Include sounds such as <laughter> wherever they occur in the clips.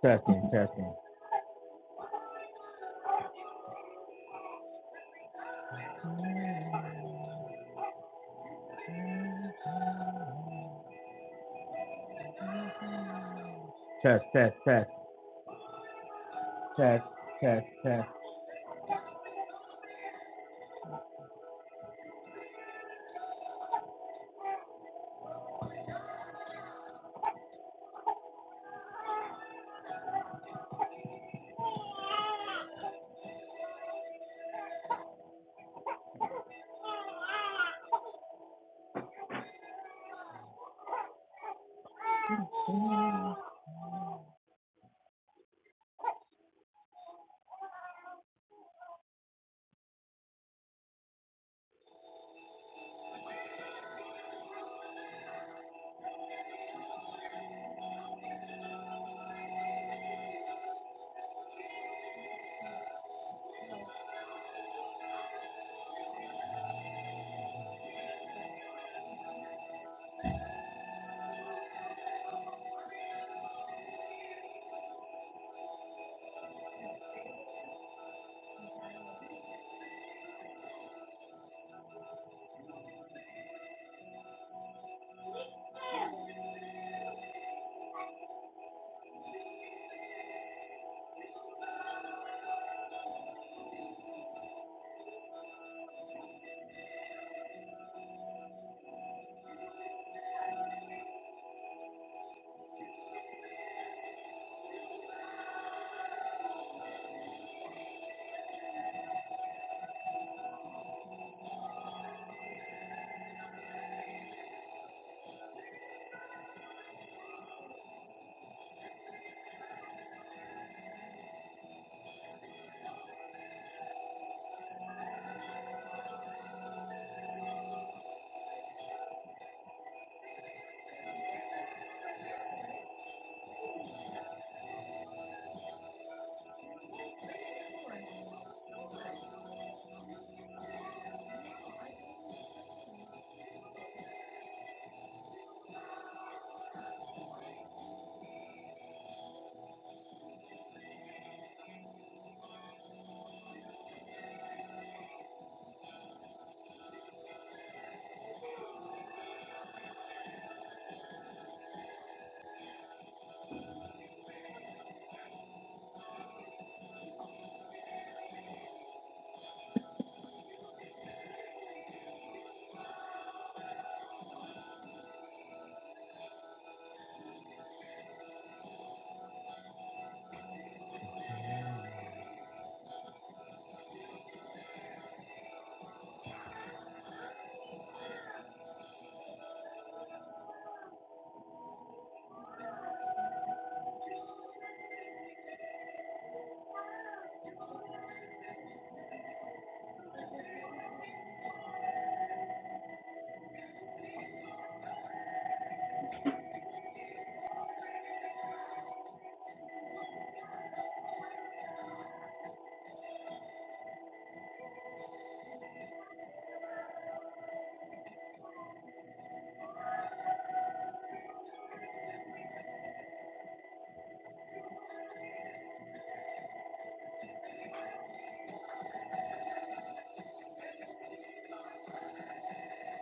Testing, testing, test, test, test, test, test, test.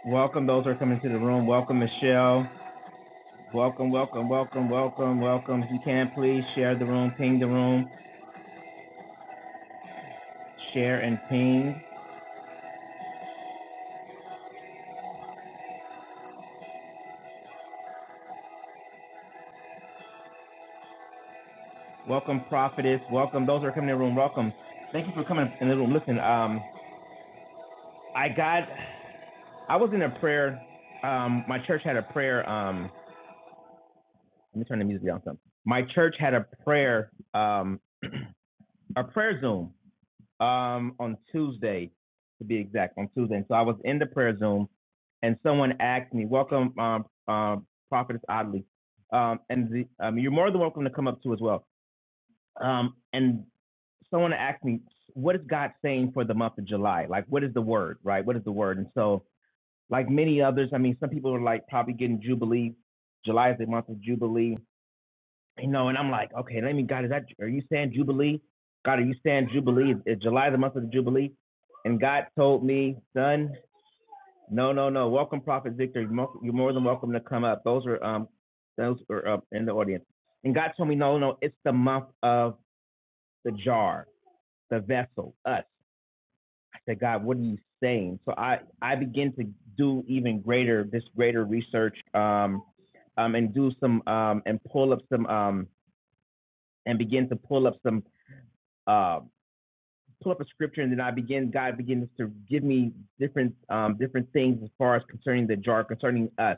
Welcome those who are coming to the room. Welcome, Michelle. Welcome, welcome, welcome, welcome, welcome. If you can, please share the room, ping the room, share and ping. Welcome, prophetess. Welcome those who are coming to the room. Welcome. Thank you for coming in the room. Listen, um, I got, I was in a prayer. Um, my church had a prayer. Um, let me turn the music down. Some. My church had a prayer, um, <clears throat> a prayer Zoom um, on Tuesday, to be exact, on Tuesday. And so I was in the prayer Zoom, and someone asked me, "Welcome, um, um, Prophetess Oddly," um, and the, um, you're more than welcome to come up too as well. Um, and someone asked me, "What is God saying for the month of July? Like, what is the word? Right? What is the word?" And so, like many others, I mean, some people are like probably getting jubilee. July is the month of jubilee you know, and I'm like, okay, let me, God, is that, are you saying Jubilee? God, are you saying Jubilee? Is, July the month of the Jubilee? And God told me, son, no, no, no. Welcome, Prophet Victor. You're mo- you're more than welcome to come up. Those are, um, those are up in the audience. And God told me, no, no, it's the month of the jar, the vessel, us. I said, God, what are you saying? So I, I begin to do even greater, this greater research, um, um, and do some, um, and pull up some, um, and begin to pull up some uh, pull up a scripture, and then I begin. God begins to give me different um, different things as far as concerning the jar, concerning us.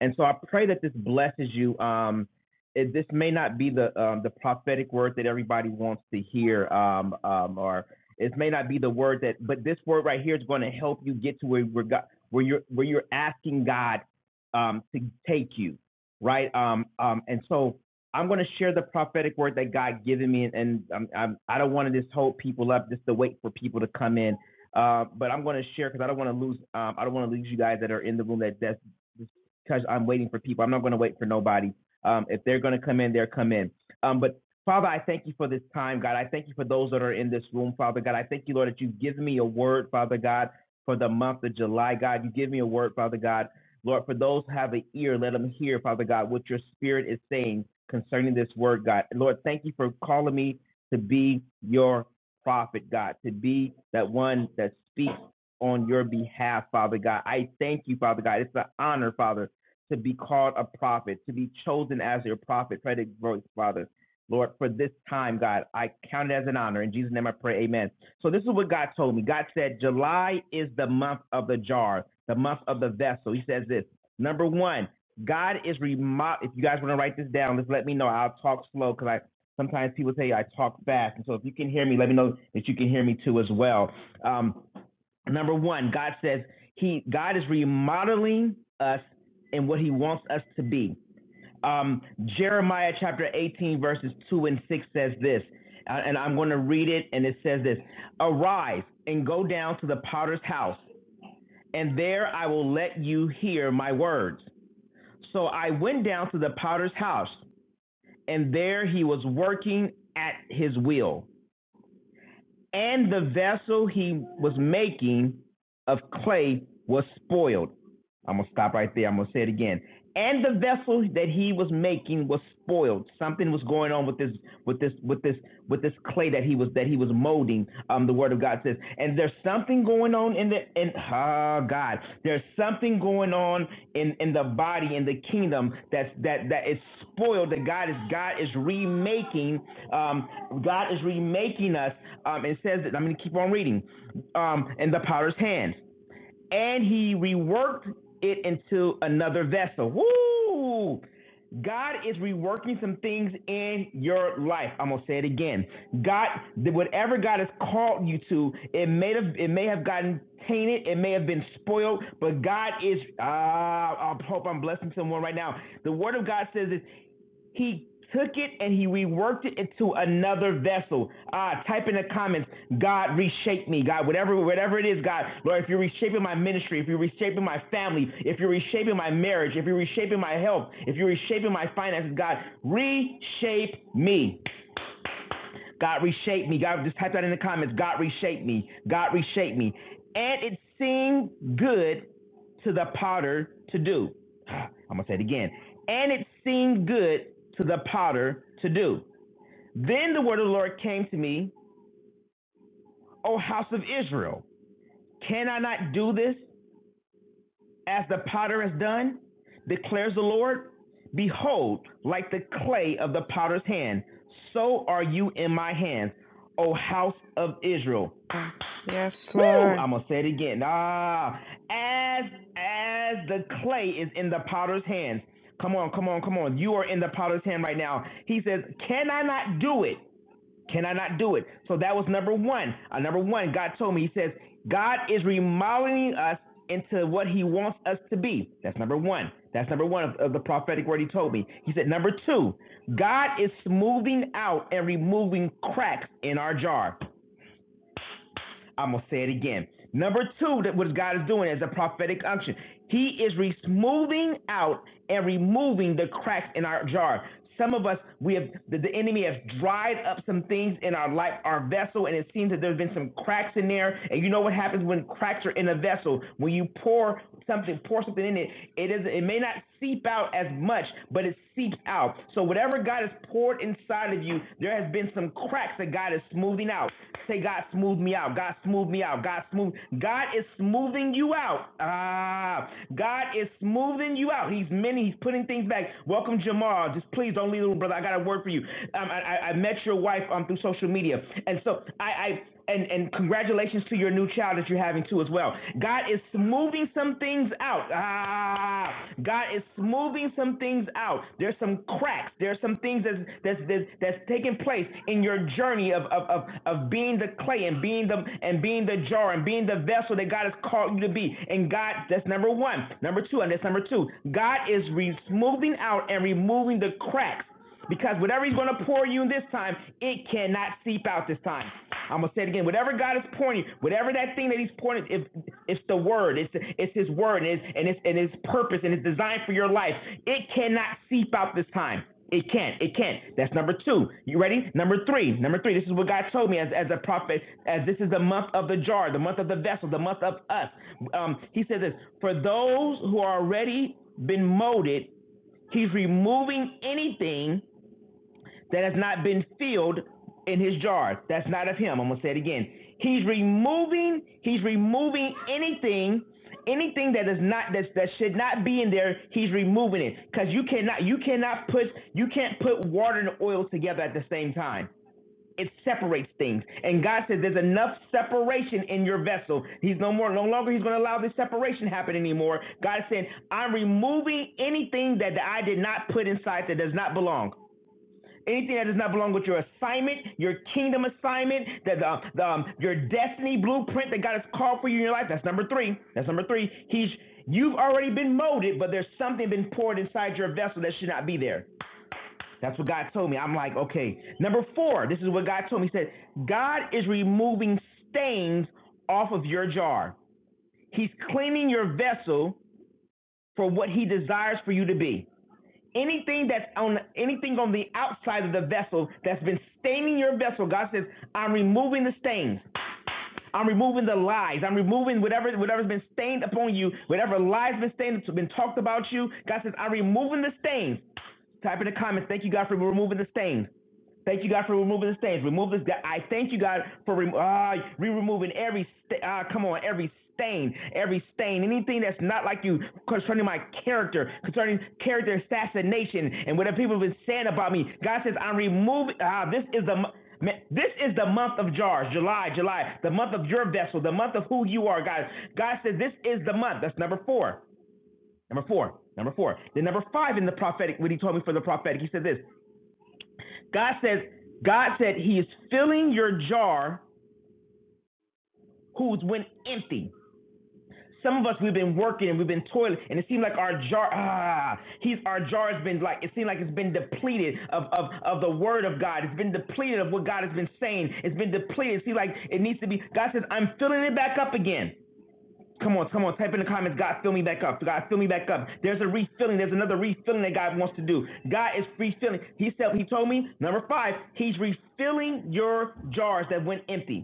And so I pray that this blesses you. Um, it, this may not be the um, the prophetic word that everybody wants to hear, um, um, or it may not be the word that, but this word right here is going to help you get to where where, God, where you're where you're asking God um, to take you, right? Um, um, and so I'm going to share the prophetic word that God given me, and, and I'm, I'm, I don't want to just hold people up just to wait for people to come in. Uh, but I'm going to share because I don't want to lose. Um, I don't want to lose you guys that are in the room that that's just because I'm waiting for people. I'm not going to wait for nobody. Um, if they're going to come in, they'll come in. Um, but Father, I thank you for this time, God. I thank you for those that are in this room, Father God. I thank you, Lord, that you've given me a word, Father God, for the month of July, God. You give me a word, Father God. Lord, for those who have an ear, let them hear, Father God, what your spirit is saying concerning this word, God. Lord, thank you for calling me to be your prophet, God, to be that one that speaks on your behalf, Father God. I thank you, Father God. It's an honor, Father to be called a prophet, to be chosen as your prophet. Pray to growth, Father. Lord, for this time, God, I count it as an honor. In Jesus' name I pray, amen. So this is what God told me. God said, July is the month of the jar, the month of the vessel. He says this. Number one, God is remo If you guys want to write this down, just let me know. I'll talk slow because I sometimes people say I talk fast. And so if you can hear me, let me know that you can hear me too as well. Um, Number one, God says He God is remodeling us in what He wants us to be. Um, Jeremiah chapter 18 verses 2 and 6 says this, uh, and I'm going to read it, and it says this: Arise and go down to the potter's house, and there I will let you hear my words. So I went down to the potter's house, and there he was working at his wheel, and the vessel he was making of clay was spoiled I'm gonna stop right there. I'm gonna say it again. And the vessel that he was making was spoiled. Something was going on with this, with this, with this, with this clay that he was that he was molding. Um, the Word of God says, and there's something going on in the in oh God, there's something going on in in the body in the kingdom that's that that is spoiled. That God is God is remaking. Um, God is remaking us. Um, it says that I'm gonna keep on reading. Um, in the potter's hands and he reworked it into another vessel. Woo! God is reworking some things in your life. I'm gonna say it again. God, whatever God has called you to, it may have it may have gotten tainted, it may have been spoiled, but God is. Uh, I hope I'm blessing someone right now. The Word of God says that he took it and he reworked it into another vessel. Ah, type in the comments, God reshape me, God, whatever whatever it is, God, Lord, if you're reshaping my ministry, if you're reshaping my family, if you're reshaping my marriage, if you're reshaping my health, if you're reshaping my finances, God, reshape me. God reshaped me. God just type that in the comments. God reshaped me. God reshaped me. And it seemed good to the potter to do. <sighs> I'm gonna say it again. And it seemed good to the potter to do. Then the word of the Lord came to me, O house of Israel, can I not do this as the potter has done? Declares the Lord. Behold, like the clay of the potter's hand, so are you in my hands, O house of Israel. Yes, Woo! I'm Lord. gonna say it again. Ah, as as the clay is in the potter's hands. Come on, come on, come on. You are in the potter's hand right now. He says, "Can I not do it? Can I not do it?" So that was number one. Uh, number one, God told me. He says, "God is remodeling us into what He wants us to be." That's number one. That's number one of, of the prophetic word He told me. He said, "Number two, God is smoothing out and removing cracks in our jar." I'm gonna say it again. Number two, that what God is doing is a prophetic unction. He is smoothing out and removing the cracks in our jar. Some of us, we have the, the enemy has dried up some things in our life, our vessel, and it seems that there's been some cracks in there. And you know what happens when cracks are in a vessel? When you pour something, pour something in it, it is it may not seep out as much, but it seeps out. So whatever God has poured inside of you, there has been some cracks that God is smoothing out. Say, God, smooth me out. God, smooth me out. God, smooth. God is smoothing you out. Ah, God is smoothing you out. He's many. He's putting things back. Welcome, Jamal. Just please don't leave little brother. I got a word for you. Um, I, I, I met your wife um, through social media, and so I, I and, and congratulations to your new child that you're having too as well. God is smoothing some things out. Ah, God is smoothing some things out. There's some cracks. There's some things that's that's that's, that's taking place in your journey of, of of of being the clay and being the and being the jar and being the vessel that God has called you to be. And God, that's number one. Number two, and that's number two. God is re- smoothing out and removing the cracks because whatever he's going to pour you in this time, it cannot seep out this time. I'm going to say it again. Whatever God is pouring you, whatever that thing that he's pouring, if it's the word, it's it's his word, and it's, and it's and his purpose and his design for your life, it cannot seep out this time. It can't. It can't. That's number two. You ready? Number three. Number three. This is what God told me as, as a prophet, as this is the month of the jar, the month of the vessel, the month of us. Um, he says this for those who are already been molded, he's removing anything that has not been filled in his jars. That's not of him. I'm gonna say it again. He's removing, he's removing anything, anything that is not that that should not be in there, he's removing it. Because you cannot you cannot put you can't put water and oil together at the same time. It separates things. And God says there's enough separation in your vessel. He's no more no longer he's gonna allow this separation happen anymore. God said, I'm removing anything that I did not put inside that does not belong. Anything that does not belong with your assignment, your kingdom assignment, that the, the um, your destiny blueprint that God has called for you in your life. That's number three. That's number three. He's you've already been molded, but there's something been poured inside your vessel that should not be there. That's what God told me. I'm like, okay. Number four. This is what God told me. He said, God is removing stains off of your jar. He's cleaning your vessel for what He desires for you to be anything that's on anything on the outside of the vessel that's been staining your vessel god says i'm removing the stains i'm removing the lies i'm removing whatever whatever's been stained upon you whatever lies been stained been talked about you god says i'm removing the stains type in the comments thank you god for removing the stains Thank you, God, for removing the stains. Remove this. I thank you, God, for rem- ah, re-removing every sta- ah, come on, every stain, every stain, anything that's not like you concerning my character, concerning character assassination, and what people have been saying about me. God says, I'm removing. Ah, this is the. mo- ma- This is the month of jars, July, July, the month of your vessel, the month of who you are, God. God says this is the month. That's number four. Number four. Number four. Then number five in the prophetic, when he told me for the prophetic, he said this. God says, God said He is filling your jar who's went empty. Some of us we've been working and we've been toiling, and it seemed like our jar ah he's our jar has been like it seemed like it's been depleted of, of of the word of God. It's been depleted of what God has been saying. It's been depleted. It seemed like it needs to be God says, I'm filling it back up again. Come on, come on. Type in the comments. God, fill me back up. God, fill me back up. There's a refilling. There's another refilling that God wants to do. God is refilling. He said, He told me, number five, He's refilling your jars that went empty.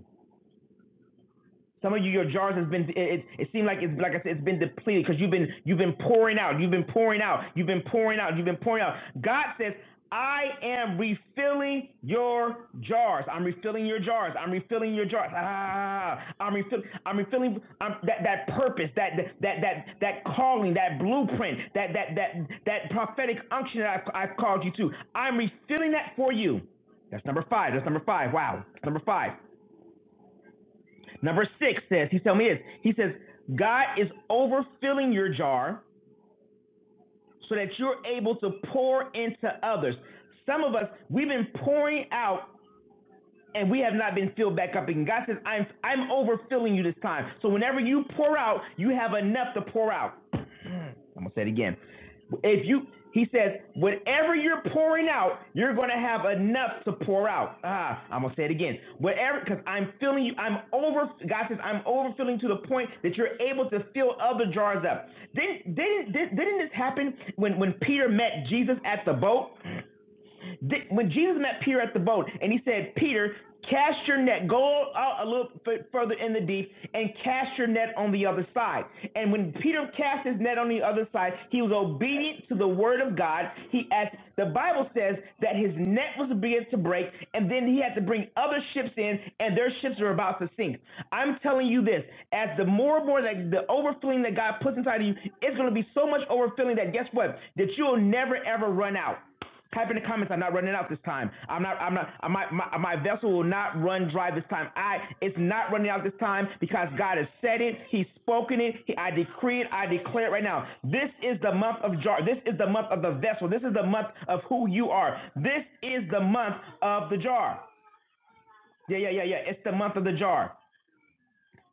Some of you, your jars has been it, it, it seemed like it's like I said, it's been depleted because you've been you've been pouring out, you've been pouring out, you've been pouring out, you've been pouring out. God says, I am refilling your jars. I'm refilling your jars. I'm refilling your jars. Ah, I'm refilling. I'm refilling I'm, that that purpose, that that that that calling, that blueprint, that that that that prophetic unction that I've, I've called you to. I'm refilling that for you. That's number five. That's number five. Wow. That's number five. Number six says, he's telling me this. He says, God is overfilling your jar so that you're able to pour into others. Some of us, we've been pouring out and we have not been filled back up. And God says, I'm I'm overfilling you this time. So whenever you pour out, you have enough to pour out. I'm gonna say it again. If you, he says, whatever you're pouring out, you're gonna have enough to pour out. Ah, I'm gonna say it again. Whatever, because I'm filling you. I'm over. God says I'm overfilling to the point that you're able to fill other jars up. Didn't didn't didn't this happen when when Peter met Jesus at the boat? When Jesus met Peter at the boat and he said, Peter, cast your net, go out a little f- further in the deep and cast your net on the other side. And when Peter cast his net on the other side, he was obedient to the word of God. He asked, the Bible says that his net was beginning to break and then he had to bring other ships in and their ships are about to sink. I'm telling you this, as the more and more that the overflowing that God puts inside of you, it's going to be so much overfilling that guess what? That you will never ever run out. Type in the comments. I'm not running out this time. I'm not. I'm not. My, my my vessel will not run dry this time. I. It's not running out this time because God has said it. He's spoken it. He, I decree it. I declare it right now. This is the month of jar. This is the month of the vessel. This is the month of who you are. This is the month of the jar. Yeah, yeah, yeah, yeah. It's the month of the jar.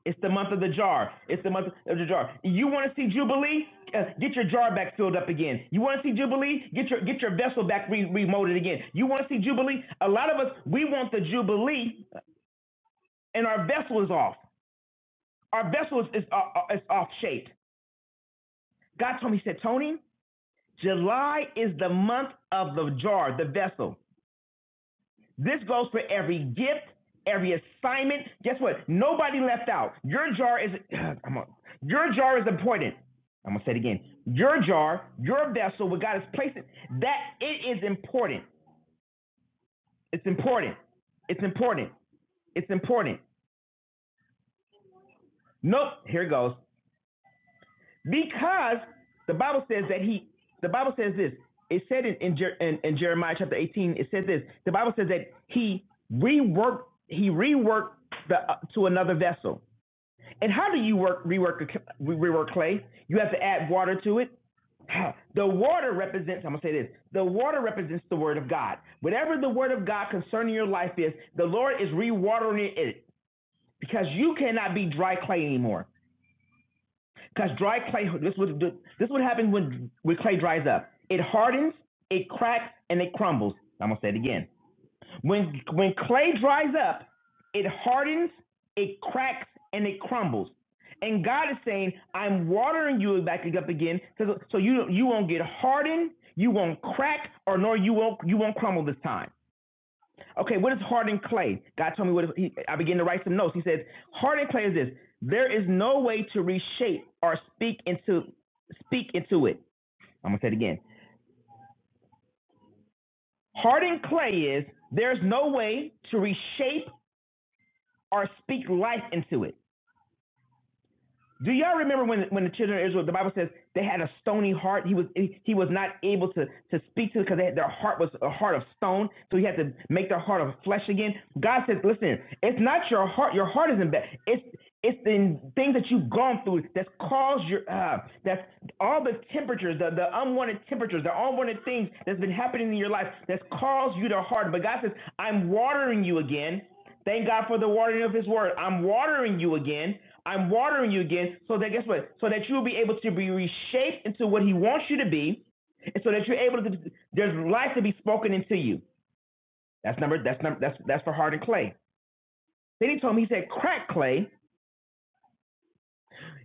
It's the month of the jar. It's the month of the jar. You want to see Jubilee? Uh, get your jar back filled up again. You want to see Jubilee? Get your get your vessel back re- remolded again. You want to see Jubilee? A lot of us we want the Jubilee, and our vessel is off. Our vessel is is, uh, uh, is off shape. God told me, He said, Tony, July is the month of the jar, the vessel. This goes for every gift, every assignment. Guess what? Nobody left out. Your jar is <clears throat> uh, I'm on, your jar is important. I'm gonna say it again. Your jar, your vessel, where God is placing that it is important. It's important. It's important. It's important. Nope. Here it goes. Because the Bible says that he. The Bible says this. It said in in, in in Jeremiah chapter 18. It says this. The Bible says that he reworked. He reworked the uh, to another vessel. And how do you work rework rework clay? You have to add water to it. <sighs> The water represents, I'm going to say this, the water represents the word of God. Whatever the word of God concerning your life is, the Lord is rewatering it because you cannot be dry clay anymore. Because dry clay, this would this would happen when when clay dries up. It hardens, it cracks, and it crumbles. I'm gonna say it again. When when clay dries up, it hardens, it cracks, and it crumbles. And God is saying, I'm watering you back up again, so, so you you won't get hardened, you won't crack, or nor you won't you won't crumble this time. Okay, what is hardened clay? God told me what. He, I began to write some notes. He says, hardened clay is this: there is no way to reshape or speak into speak into it. I'm gonna say it again. Hardened clay is there's no way to reshape or speak life into it. Do y'all remember when when the children of Israel, the Bible says they had a stony heart. He was he, was not able to to speak to it because their heart was a heart of stone. So he had to make their heart of flesh again. God says, listen, it's not your heart. Your heart isn't bad. It's it's the things that you've gone through that's caused your uh, that's all the temperatures, the, the unwanted temperatures, the unwanted things that's been happening in your life that's caused you to harden. But God says, I'm watering you again. Thank God for the watering of His word. I'm watering you again. I'm watering you again. So that guess what? So that you'll be able to be reshaped into what He wants you to be, and so that you're able to. There's life to be spoken into you. That's number. That's number. That's that's for hardened clay. Then He told me. He said, "Crack clay."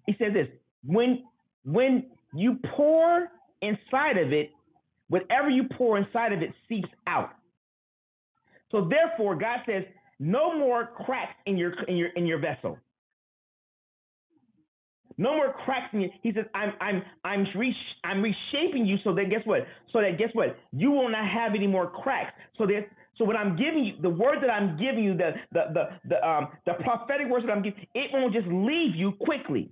He said this when when you pour inside of it, whatever you pour inside of it seeps out. So therefore, God says, no more cracks in your in your in your vessel. No more cracks in you. He says, I'm I'm I'm re- I'm reshaping you so that guess what? So that guess what? You will not have any more cracks. So that so what I'm giving you, the word that I'm giving you, the the the, the um the prophetic words that I'm giving, it won't just leave you quickly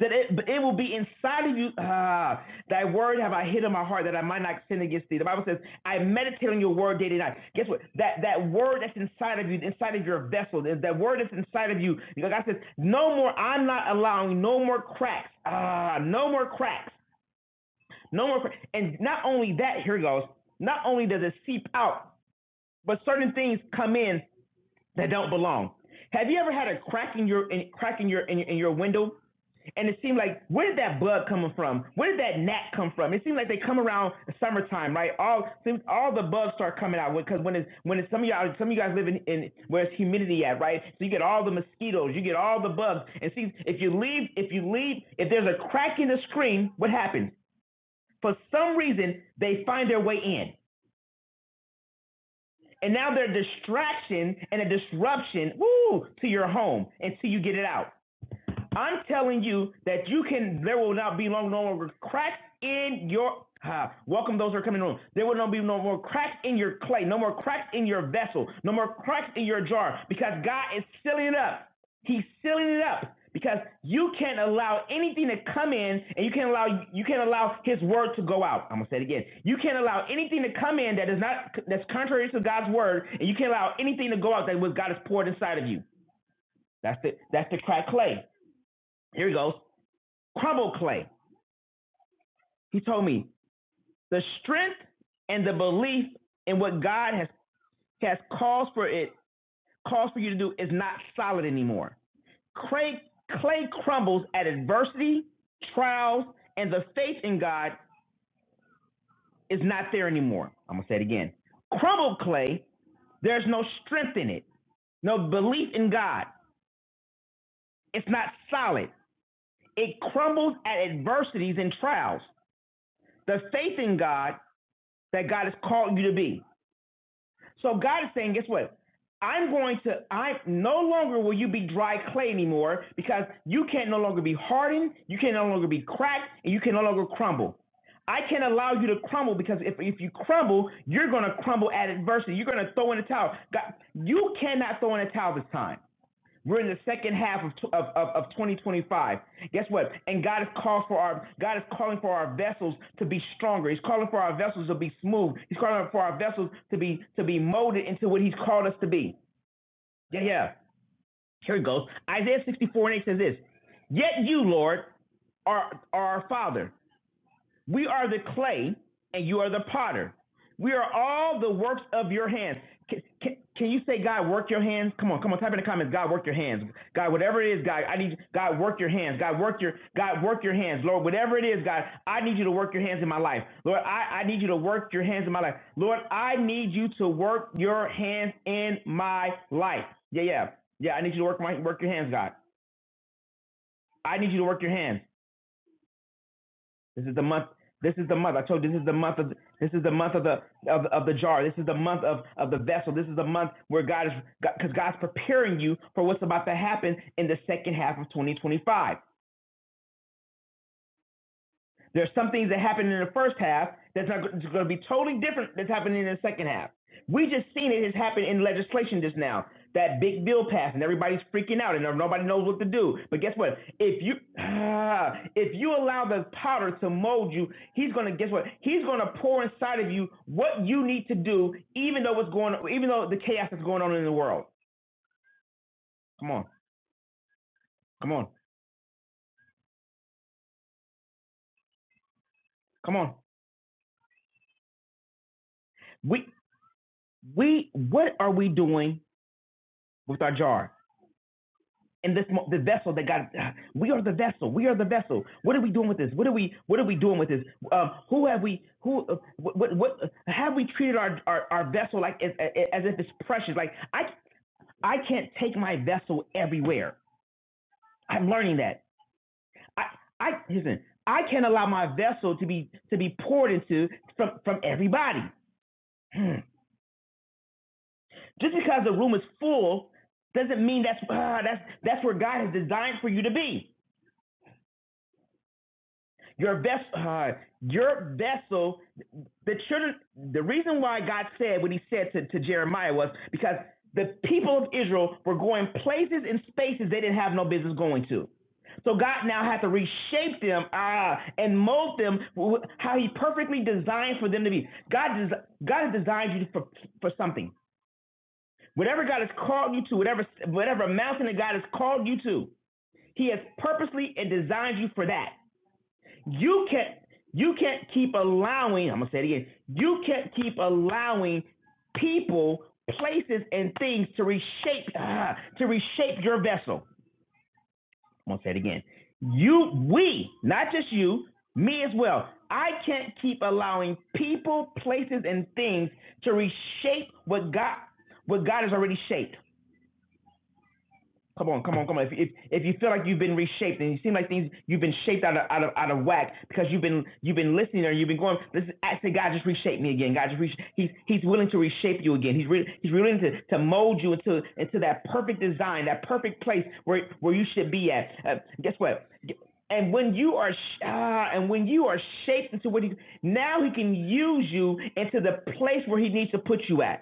that it, it will be inside of you. Ah, thy word have I hid in my heart that I might not sin against thee. The Bible says, I meditate on your word day and night. Guess what? That that word that's inside of you, inside of your vessel, that word that's inside of you. You God says, no more, I'm not allowing no more cracks. Ah, no more cracks. No more cracks. And not only that, here it goes, not only does it seep out, but certain things come in that don't belong. Have you ever had a crack in your in, crack in your in, in your window? And it seemed like where did that bug coming from? Where did that gnat come from? It seemed like they come around summertime, right? All seems all the bugs start coming out because when it's when it's some of y'all some of you guys live in, in where it's humidity at, right? So you get all the mosquitoes, you get all the bugs. And see if you leave if you leave if there's a crack in the screen, what happens? For some reason they find their way in. And now they're a distraction and a disruption, woo, to your home until you get it out. I'm telling you that you can. There will not be long, no more cracks in your. Ah, welcome those who are coming in the room. There will not be no more cracks in your clay, no more cracks in your vessel, no more cracks in your jar, because God is sealing it up. He's sealing it up because you can't allow anything to come in, and you can't allow you can't allow His word to go out. I'm gonna say it again. You can't allow anything to come in that is not that's contrary to God's word, and you can't allow anything to go out that what God has poured inside of you. That's the that's the cracked clay. Here he goes crumble clay. He told me the strength and the belief in what God has has calls for it calls for you to do is not solid anymore. Clay, clay crumbles at adversity, trials, and the faith in God is not there anymore. I'm gonna say it again. Crumbled clay, there's no strength in it, no belief in God. It's not solid. It crumbles at adversities and trials. The faith in God that God has called you to be. So God is saying, guess what? I'm going to, I no longer will you be dry clay anymore because you can no longer be hardened, you can no longer be cracked, and you can no longer crumble. I can not allow you to crumble because if, if you crumble, you're going to crumble at adversity. You're going to throw in a towel. God, you cannot throw in a towel this time. We're in the second half of, of, of, of 2025. Guess what? And God is called for our God is calling for our vessels to be stronger. He's calling for our vessels to be smooth. He's calling for our vessels to be to be molded into what He's called us to be. Yeah, yeah. Here it goes. Isaiah 64 and 8 says this. Yet you, Lord, are, are our Father. We are the clay and you are the potter. We are all the works of your hands. Can, can, can you say, God, work your hands? Come on, come on, type in the comments, God, work your hands. God, whatever it is, God, I need God, work your hands. God, work your God, work your hands. Lord, whatever it is, God, I need you to work your hands in my life. Lord, I, I need you to work your hands in my life. Lord, I need you to work your hands in my life. Yeah, yeah. Yeah, I need you to work my work your hands, God. I need you to work your hands. This is the month. This is the month. I told you this is the month of this is the month of the of, of the jar. This is the month of of the vessel. This is the month where God is because God's preparing you for what's about to happen in the second half of 2025. There's some things that happened in the first half that's not going to be totally different that's happening in the second half. We just seen it has happened in legislation just now. That big bill passed and everybody's freaking out and no, nobody knows what to do. But guess what? If you <sighs> ah, if you allow the powder to mold you, he's going to guess what? He's going to pour inside of you what you need to do, even though what's going, even though the chaos that's going on in the world. Come on, come on, come on. We we what are we doing with our jar? in this the vessel that God. We are the vessel. We are the vessel. What are we doing with this? What are we What are we doing with this? Um, who have we? Who? Uh, what, what? What? Have we treated our our, our vessel like as, as if it's precious? Like I I can't take my vessel everywhere. I'm learning that. I I listen. I can't allow my vessel to be to be poured into from from everybody. Hmm. Just because the room is full doesn't mean that's ah, that's that's where God has designed for you to be. Your vessel, uh, your vessel, the children. The reason why God said what He said to, to Jeremiah was because the people of Israel were going places and spaces they didn't have no business going to. So God now had to reshape them ah, and mold them how He perfectly designed for them to be. God, des- God has designed you for, for something. Whatever God has called you to, whatever whatever mountain that God has called you to, He has purposely and designed you for that. You can't you can't keep allowing, I'm gonna say it again, you can't keep allowing people, places, and things to reshape ah, to reshape your vessel. I'm gonna say it again. You we, not just you, me as well. I can't keep allowing people, places, and things to reshape what God what God has already shaped. Come on, come on, come on. If, if if you feel like you've been reshaped and you seem like things you've been shaped out of out of out of whack because you've been you've been listening or you've been going, this is actually God just reshape me again. God just reshape. He's he's willing to reshape you again. He's re, he's willing to, to mold you into into that perfect design, that perfect place where where you should be at. Uh, guess what? And when you are sh- ah, and when you are shaped into what he now he can use you into the place where he needs to put you at.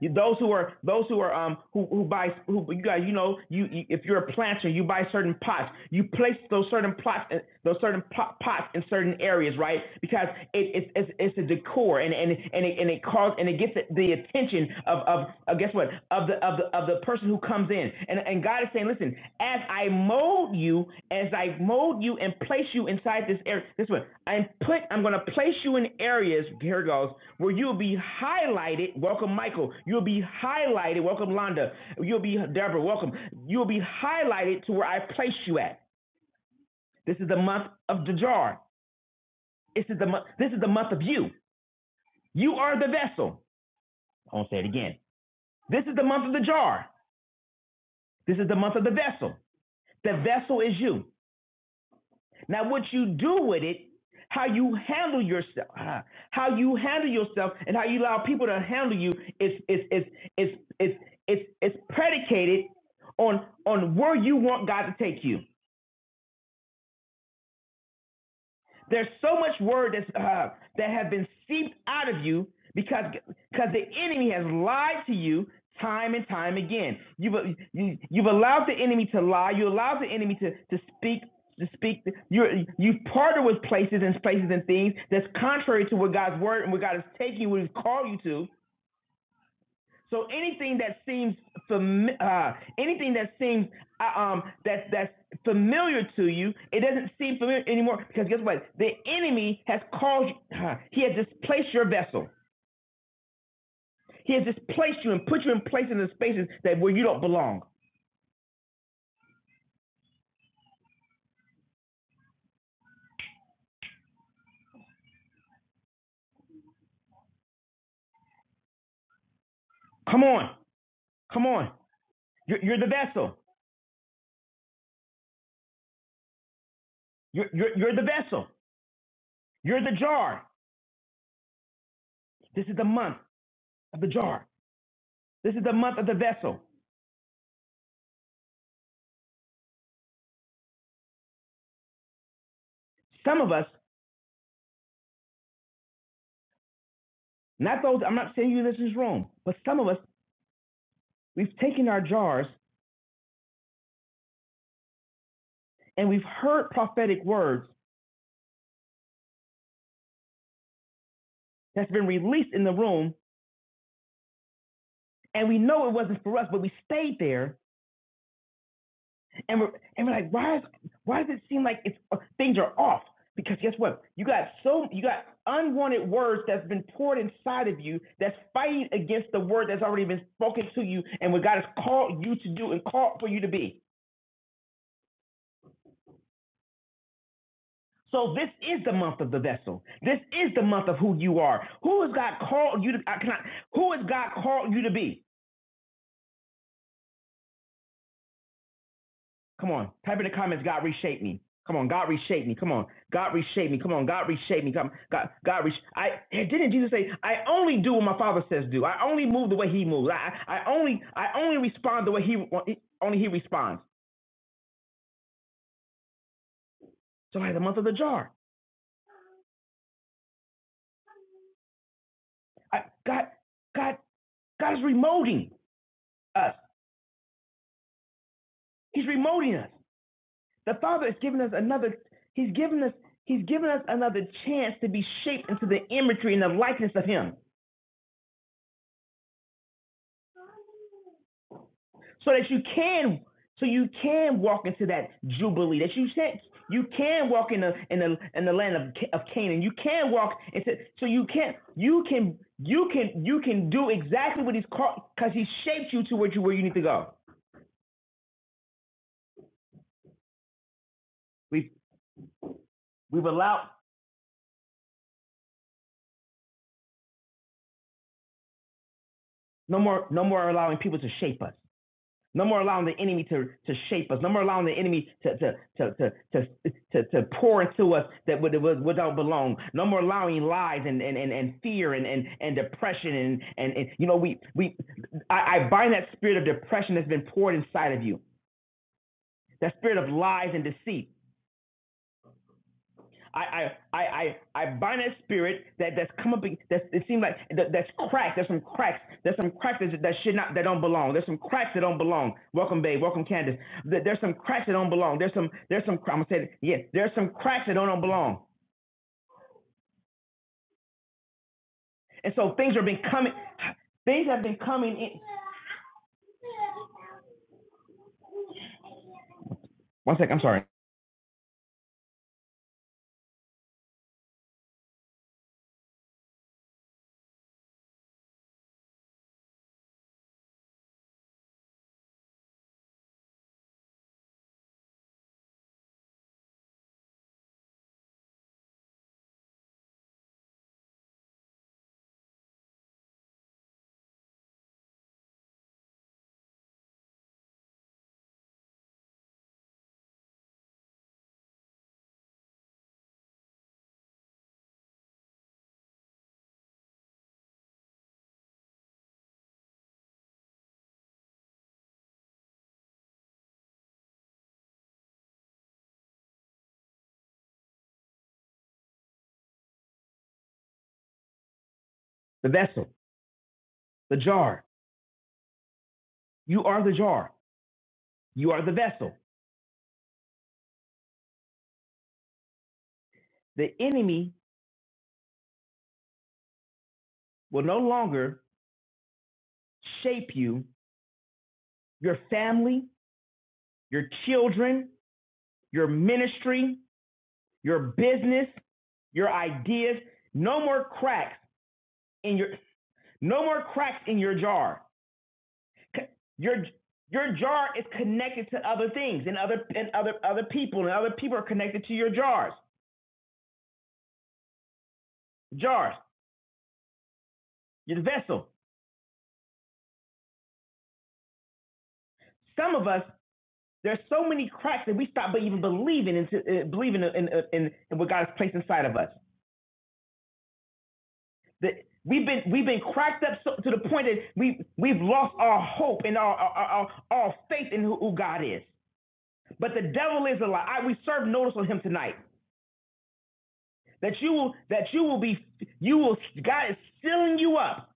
Those who are those who are um who who buy who you guys you know you, you if you're a planter you buy certain pots you place those certain plots and those certain pot pots in certain areas right because it, it it's it's a decor and and and it and it calls and it gets the attention of of, of guess what of the of the of the person who comes in and, and God is saying, listen, as I mold you, as I mold you and place you inside this area, this one, I'm put, I'm going to place you in areas, here it goes, where you'll be highlighted. Welcome, Michael. You'll be highlighted. Welcome, Londa. You'll be, Deborah, welcome. You'll be highlighted to where I place you at. This is the month of the jar. This is the, month. this is the month of you. You are the vessel. I won't say it again. This is the month of the jar. This is the month of the vessel. The vessel is you. Now, what you do with it, how you handle yourself, ah, how you handle yourself, and how you allow people to handle you is is is is is is, is predicated on on where you want God to take you. There's so much word that's, uh, that have been seeped out of you because because the enemy has lied to you time and time again. You've you, you've allowed the enemy to lie. You allowed the enemy to to speak to speak. You you partner with places and places and things that's contrary to what God's word and what God is taking, what He's called you to. So anything that seems fami- uh, anything that seems uh, um, that that's familiar to you, it doesn't seem familiar anymore because guess what? The enemy has called you. Uh, he has displaced your vessel. He has displaced you and put you in places and spaces that where you don't belong. Come on, come on. You're, you're the vessel. You're, you're you're the vessel. You're the jar. This is the month of the jar. This is the month of the vessel. Some of us, not those. I'm not saying you in this is wrong, but some of us, we've taken our jars and we've heard prophetic words that's been released in the room, and we know it wasn't for us, but we stayed there, and we're and we're like, why is why does it seem like it's uh, things are off? Because guess what? You got so you got unwanted words that's been poured inside of you that's fighting against the word that's already been spoken to you and what God has called you to do and called for you to be. So this is the month of the vessel. This is the month of who you are. Who has God called you to? I cannot, who has God called you to be? Come on. Type in the comments, God reshape me. Come on, God reshape me. Come on, God reshape me. Come on, God reshape me. Come, God, God resh. I didn't Jesus say, I only do what my Father says do. I only move the way He moves. I, I I only, I only respond the way He only He responds. So I had the month of the jar. I, God, God, God is remoting us. He's remoting us. The Father is giving us another. He's giving us. He's giving us another chance to be shaped into the imagery and the likeness of Him. so that you can so you can walk into that jubilee that you can, you can walk in the in the in the land of of Canaan. You can walk into so you can you can you can you can do exactly what he's called because he shaped you to where you where you need to go. We've we've allowed no more no more allowing people to shape us. No more allowing the enemy to, to shape us. No more allowing the enemy to to to to to, to, to pour into us that would, would, would don't belong. No more allowing lies and and, and, and fear and, and, and depression and, and and you know we we I, I bind that spirit of depression that's been poured inside of you. That spirit of lies and deceit. I I I I, I bind that spirit that that's come up ag- that's it seems like that, that's cracked. There's some cracks. There's some cracks that, that should not that don't belong. There's some cracks that don't belong. Welcome, babe. Welcome, Candace. There- There's some cracks that don't belong. There's some there's some I'm gonna say it. Yeah, there's some cracks that don't, don't belong. And so things have been coming. Things have been coming in. One second. I'm sorry. The vessel, the jar. You are the jar. You are the vessel. The enemy will no longer shape you, your family, your children, your ministry, your business, your ideas. No more cracks in your no more cracks in your jar. Your your jar is connected to other things and other and other other people and other people are connected to your jars. Jars, your vessel. Some of us there's so many cracks that we stop even believing into uh, believing in, in, in, in what God has placed inside of us. The, we've been we've been cracked up so, to the point that we we've lost our hope and our our, our, our faith in who, who God is. But the devil is a lie. I, we serve notice on him tonight that you will that you will be you will God is sealing you up.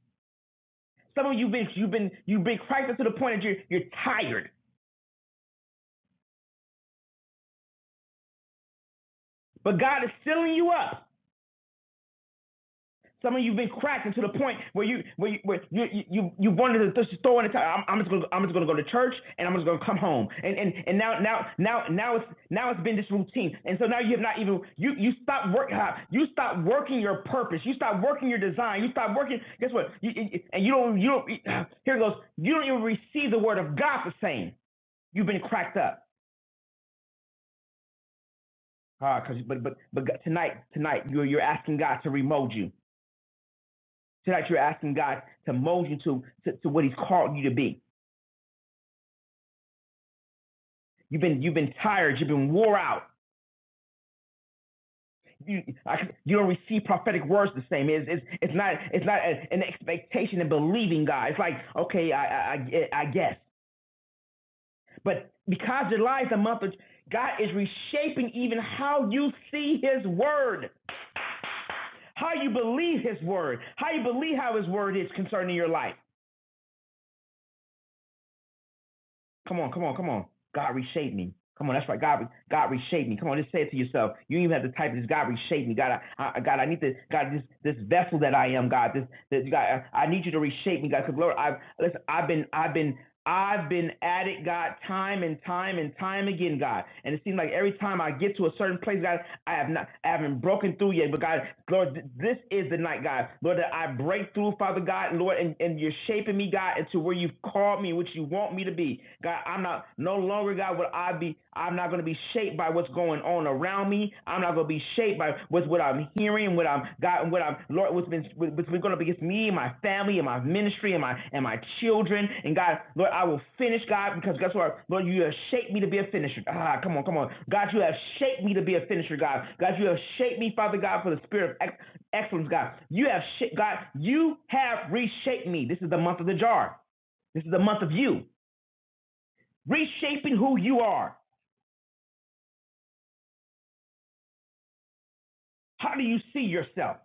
Some of you've been you've been you've been cracked up to the point that you're you're tired, but God is sealing you up. Some of you've been cracked into the point where you where you where you you you, you wanted to just throw in the towel. I'm, I'm just gonna I'm just gonna go to church and I'm just gonna come home. And and and now now now now it's now it's been this routine. And so now you have not even you you stop work you stop working your purpose. You stop working your design. You stop working. Guess what? You, you- and you don't you don't <sighs> here it goes. You don't even receive the word of God the same. You've been cracked up. Ah, cause but but but tonight tonight you're you're asking God to remold you. Tonight you're asking God to mold you to, to, to what He's called you to be. You've been you've been tired. You've been wore out. You I, you don't receive prophetic words the same. It's it's, it's not it's not a- an expectation of believing God. It's like okay, I, I I I guess. But because July is a month of God is reshaping even how you see His word, how you believe His word, how you believe how His word is concerning your life. Come on, come on, come on. God reshape me. Come on, that's right. God, God reshape me. Come on, just say it to yourself. You don't even have to type this. God reshape me. God, I, I, God, I need to. God, this this vessel that I am. God, this, this God, I, I need you to reshape me. God, God, 'cause Lord, I've listen. I've been, I've been, I've been at it, God, time and time and time again, God. And it seems like every time I get to a certain place, God, I have not, I haven't broken through yet. But God, Lord, this is the night, God, Lord, that I break through, Father God, Lord, and, and you're shaping me, God, into where you've called me, which you want me to be, God. I'm not no longer, God, will I be. I'm not going to be shaped by what's going on around me. I'm not gonna be shaped by what's what I'm hearing, what I'm got, and what I'm Lord, what's been what's been gonna be against me and my family and my ministry and my and my children. And God, Lord, I will finish, God, because guess what, Lord, you have shaped me to be a finisher. Ah, come on, come on, God, you have shaped me to be a finisher, God. God, you have shaped me, Father God, for the spirit of ex- excellence, God. You have shaped, God, you have reshaped me. This is the month of the jar. This is the month of you reshaping who you are. How do you see yourself?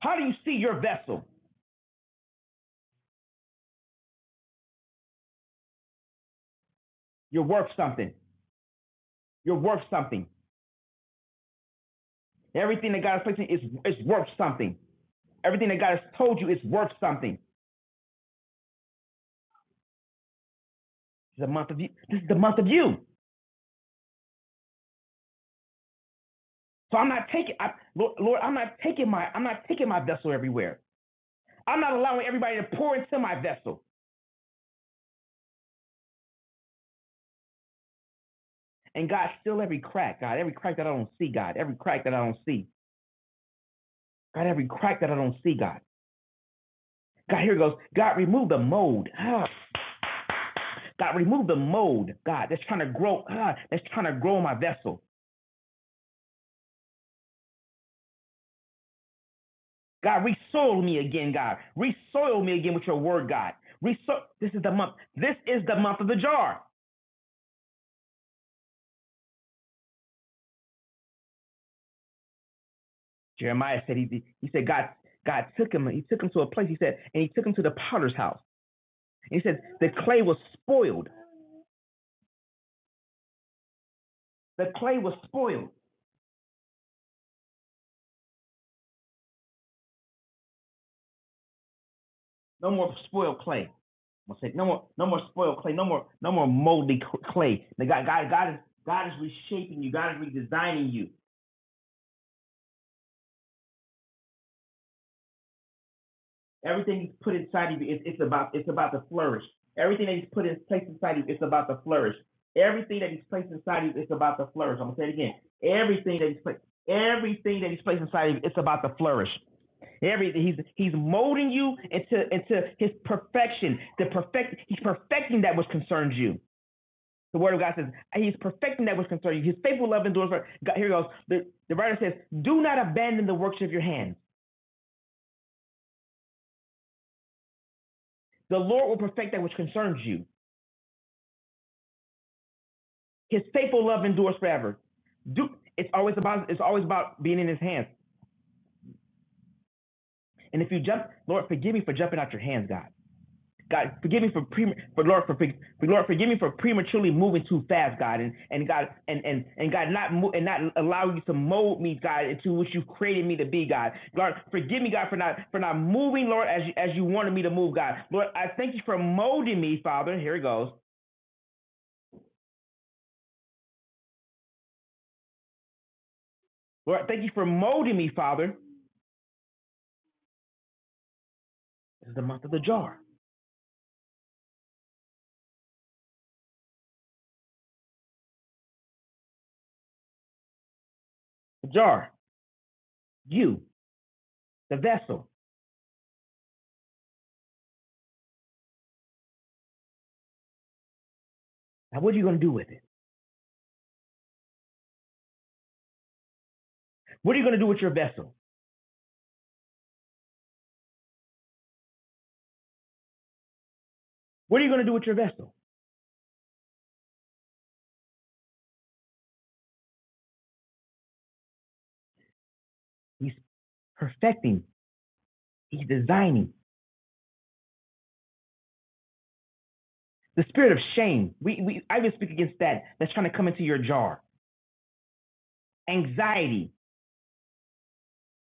How do you see your vessel? You're worth something. You're worth something. Everything that God has placed in you is, is worth something. Everything that God has told you is worth something. This is the month of you. This is the month of you. So I'm not taking, I, Lord, Lord, I'm not taking my, I'm not taking my vessel everywhere. I'm not allowing everybody to pour into my vessel. And God, fill every crack, God, every crack that I don't see, God, every crack that I don't see, God, every crack that I don't see, God. God, here it goes. God, remove the mold. Ah, God, remove the mold, God, that's trying to grow, ah, that's trying to grow my vessel. God, resoil me again, God. Resoil me again with your word, God. Resoil. This is the month. This is the month of the jar. Jeremiah said he he said God God took him. He took him to a place. He said and he took him to the potter's house. And he said the clay was spoiled. The clay was spoiled. No more spoiled clay. I'm no more no more spoiled clay. No more no more moldy clay. God God God is God is reshaping you. God is redesigning you. Everything he's put inside of you, it's, it's about it's about to flourish. Everything that he's put in place inside of you, it's about to flourish. Everything that he's placed inside of you, it's about to flourish. I'm gonna say it again. Everything that he's placed, everything that he's placed inside of you, it's about to flourish. Everything he's he's molding you into into his perfection. The perfect he's perfecting that which concerns you. The word of God says he's perfecting that which concerns you. His faithful love endures. for- God, here it goes. The, the writer says, "Do not abandon the works of your hands. The Lord will perfect that which concerns you." His faithful love endures forever. Do it's always about it's always about being in His hands. And if you jump, Lord, forgive me for jumping out your hands, God. God, forgive me for pre, for Lord for, for Lord, forgive me for prematurely moving too fast, God, and and God and and and God not mo- and not allowing you to mold me, God, into what you created me to be, God. Lord, forgive me, God, for not for not moving, Lord, as you, as you wanted me to move, God. Lord, I thank you for molding me, Father. Here it goes. Lord, thank you for molding me, Father. This is the month of the jar. The jar. You. the vessel. Now, what are you going to do with it? What are you going to do with your vessel? What are you going to do with your vessel? He's perfecting, he's designing. The spirit of shame, we, we, I even speak against that. That's trying to come into your jar. Anxiety,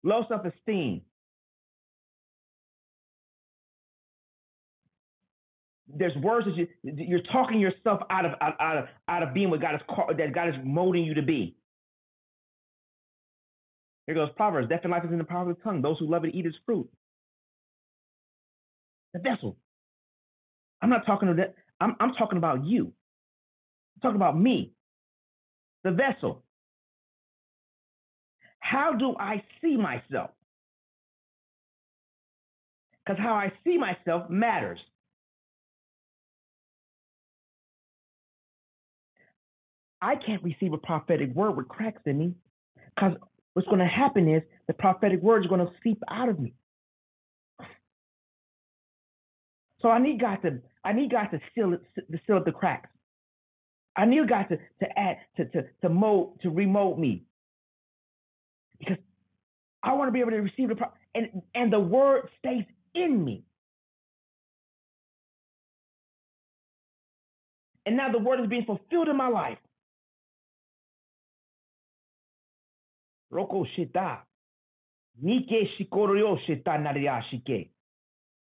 low self esteem. There's words that you, you're talking yourself out of, out, out of, out of being what God is called, that God is molding you to be. Here goes Proverbs. Death and life is in the power of the tongue. Those who love it eat its fruit. The vessel. I'm not talking to that. I'm, I'm talking about you. I'm talking about me. The vessel. How do I see myself? because how I see myself matters. I can't receive a prophetic word with cracks in me because what's going to happen is the prophetic word is going to seep out of me. So I need God to I need God to seal it, to seal up the cracks. I need God to to add to to to mold to remold me because I want to be able to receive the pro- and and the word stays in me. And now the word is being fulfilled in my life. Roko shita nike shikoryo shita naria shike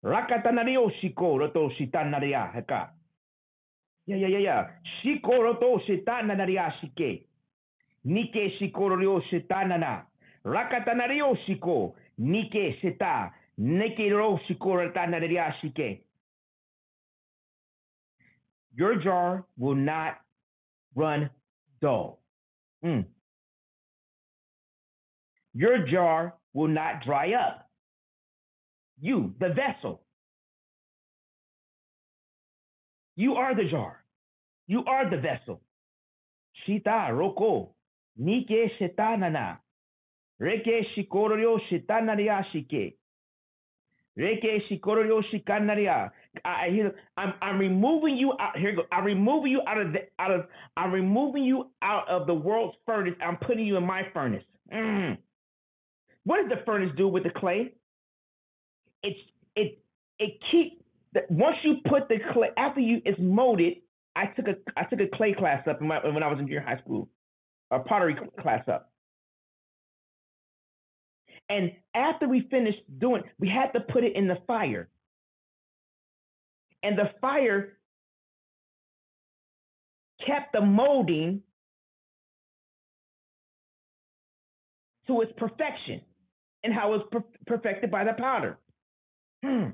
rakata nario shiko roto shita naria heka Yeah, yeah, yeah, yeah. Shikoro to shetana nariashike. Nike shikoro ryo shetana na Rakatana ryo shiko. Nike sheta. Nike ro shikoro tana nariashike. Your jar will not run dull. Mm. Your jar will not dry up. You, the vessel, you are the jar. You are the vessel. Shita roko, nike shita na. reke shikoro ryo shita nariashike. Reke shikorio shikanaria. I hear I'm I'm removing you out here go. I'm removing you out of the out of I'm removing you out of the world's furnace. I'm putting you in my furnace. Mm. What does the furnace do with the clay? It's it it keep the, once you put the clay after you it's molded. I took a I took a clay class up in my, when I was in junior high school, a pottery class up. And after we finished doing, we had to put it in the fire, and the fire kept the molding to its perfection and how it's per- perfected by the powder. Hmm.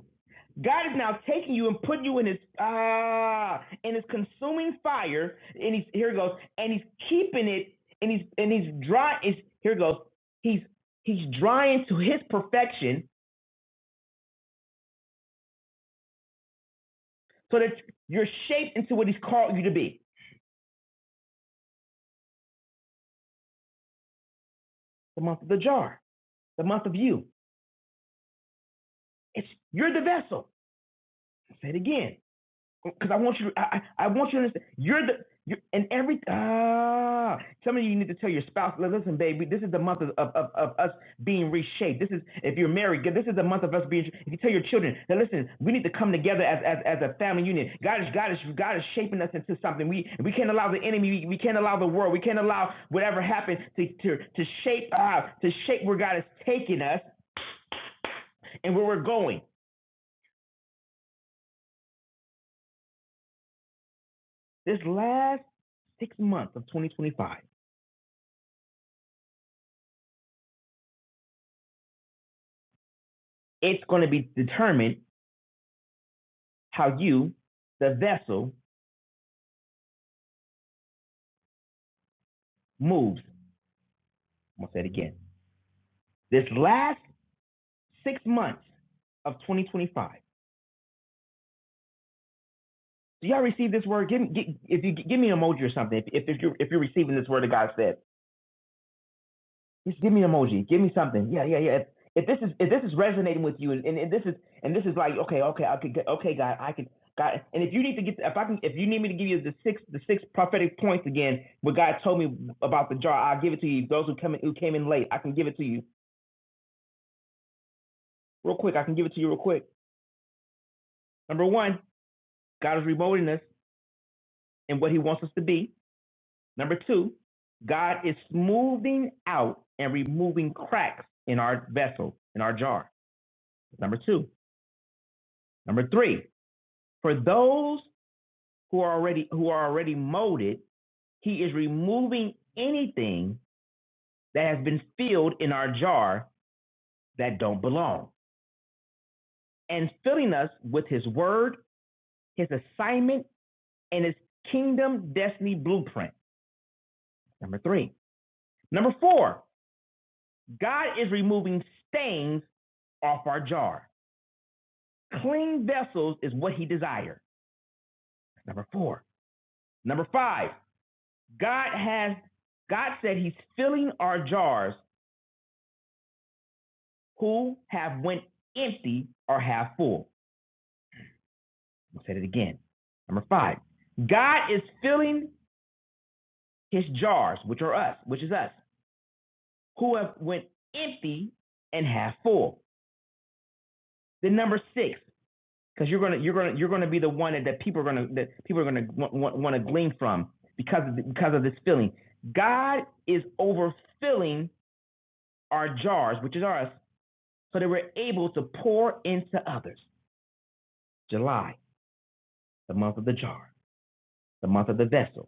God is now taking you and putting you in his ah in his consuming fire, and he's here it goes, and he's keeping it, and he's and he's dry. Is here it goes. He's he's drying to his perfection, so that you're shaped into what he's called you to be. The month of the jar, the month of you. It's you're the vessel. I'll Say it again. because I want you to, I, I want you to understand. You're the, you're, and every, ah, some of you need to tell your spouse, listen, baby, this is the month of, of, of, of us being reshaped. This is, if you're married, this is the month of us being, if you tell your children, now listen, we need to come together as, as, as a family unit. God is, God is, God is shaping us into something. We, we can't allow the enemy, we, can't allow the world, we can't allow whatever happened to, to, to shape, ah to shape where God is taking us and where we're going. This last six months of 2025, It's going to be determined how you, the vessel, moves. I'm going to say it again. This last six months of 2025. Do y'all receive this word? Give, give if you give me an emoji or something. If if, if you if you're receiving this word that God said, Just give me an emoji. Give me something. Yeah, yeah, yeah. If, if this is if this is resonating with you, and, and, and this is and this is like okay, okay, I could get- okay, God, I can God. And if you need to get if I can if you need me to give you the six the six prophetic points again, what God told me about the jar, I'll give it to you. Those who come in, who came in late, I can give it to you real quick. I can give it to you real quick. Number one, God is remolding us in what He wants us to be. Number two, God is smoothing out and removing cracks in our vessel in our jar. Number two. Number three, For those who are already who are already molded, he is removing anything that has been filled in our jar that don't belong and filling us with his word, his assignment, and his kingdom destiny blueprint. Number 3. Number 4. God is removing stains off our jar. Clean vessels is what he desires. Number 4. Number 5. God has God said he's filling our jars who have went empty or half full. I'll say it again. Number five, God is filling his jars, which are us, which is us, who have went empty and half full. Then number six, because you're gonna you're gonna you're gonna be the one that, that people are gonna that people are gonna want, want to glean from because of the, because of this filling. God is overfilling our jars, which is ours, so that we're able to pour into others. July, the month of the jar, the month of the vessel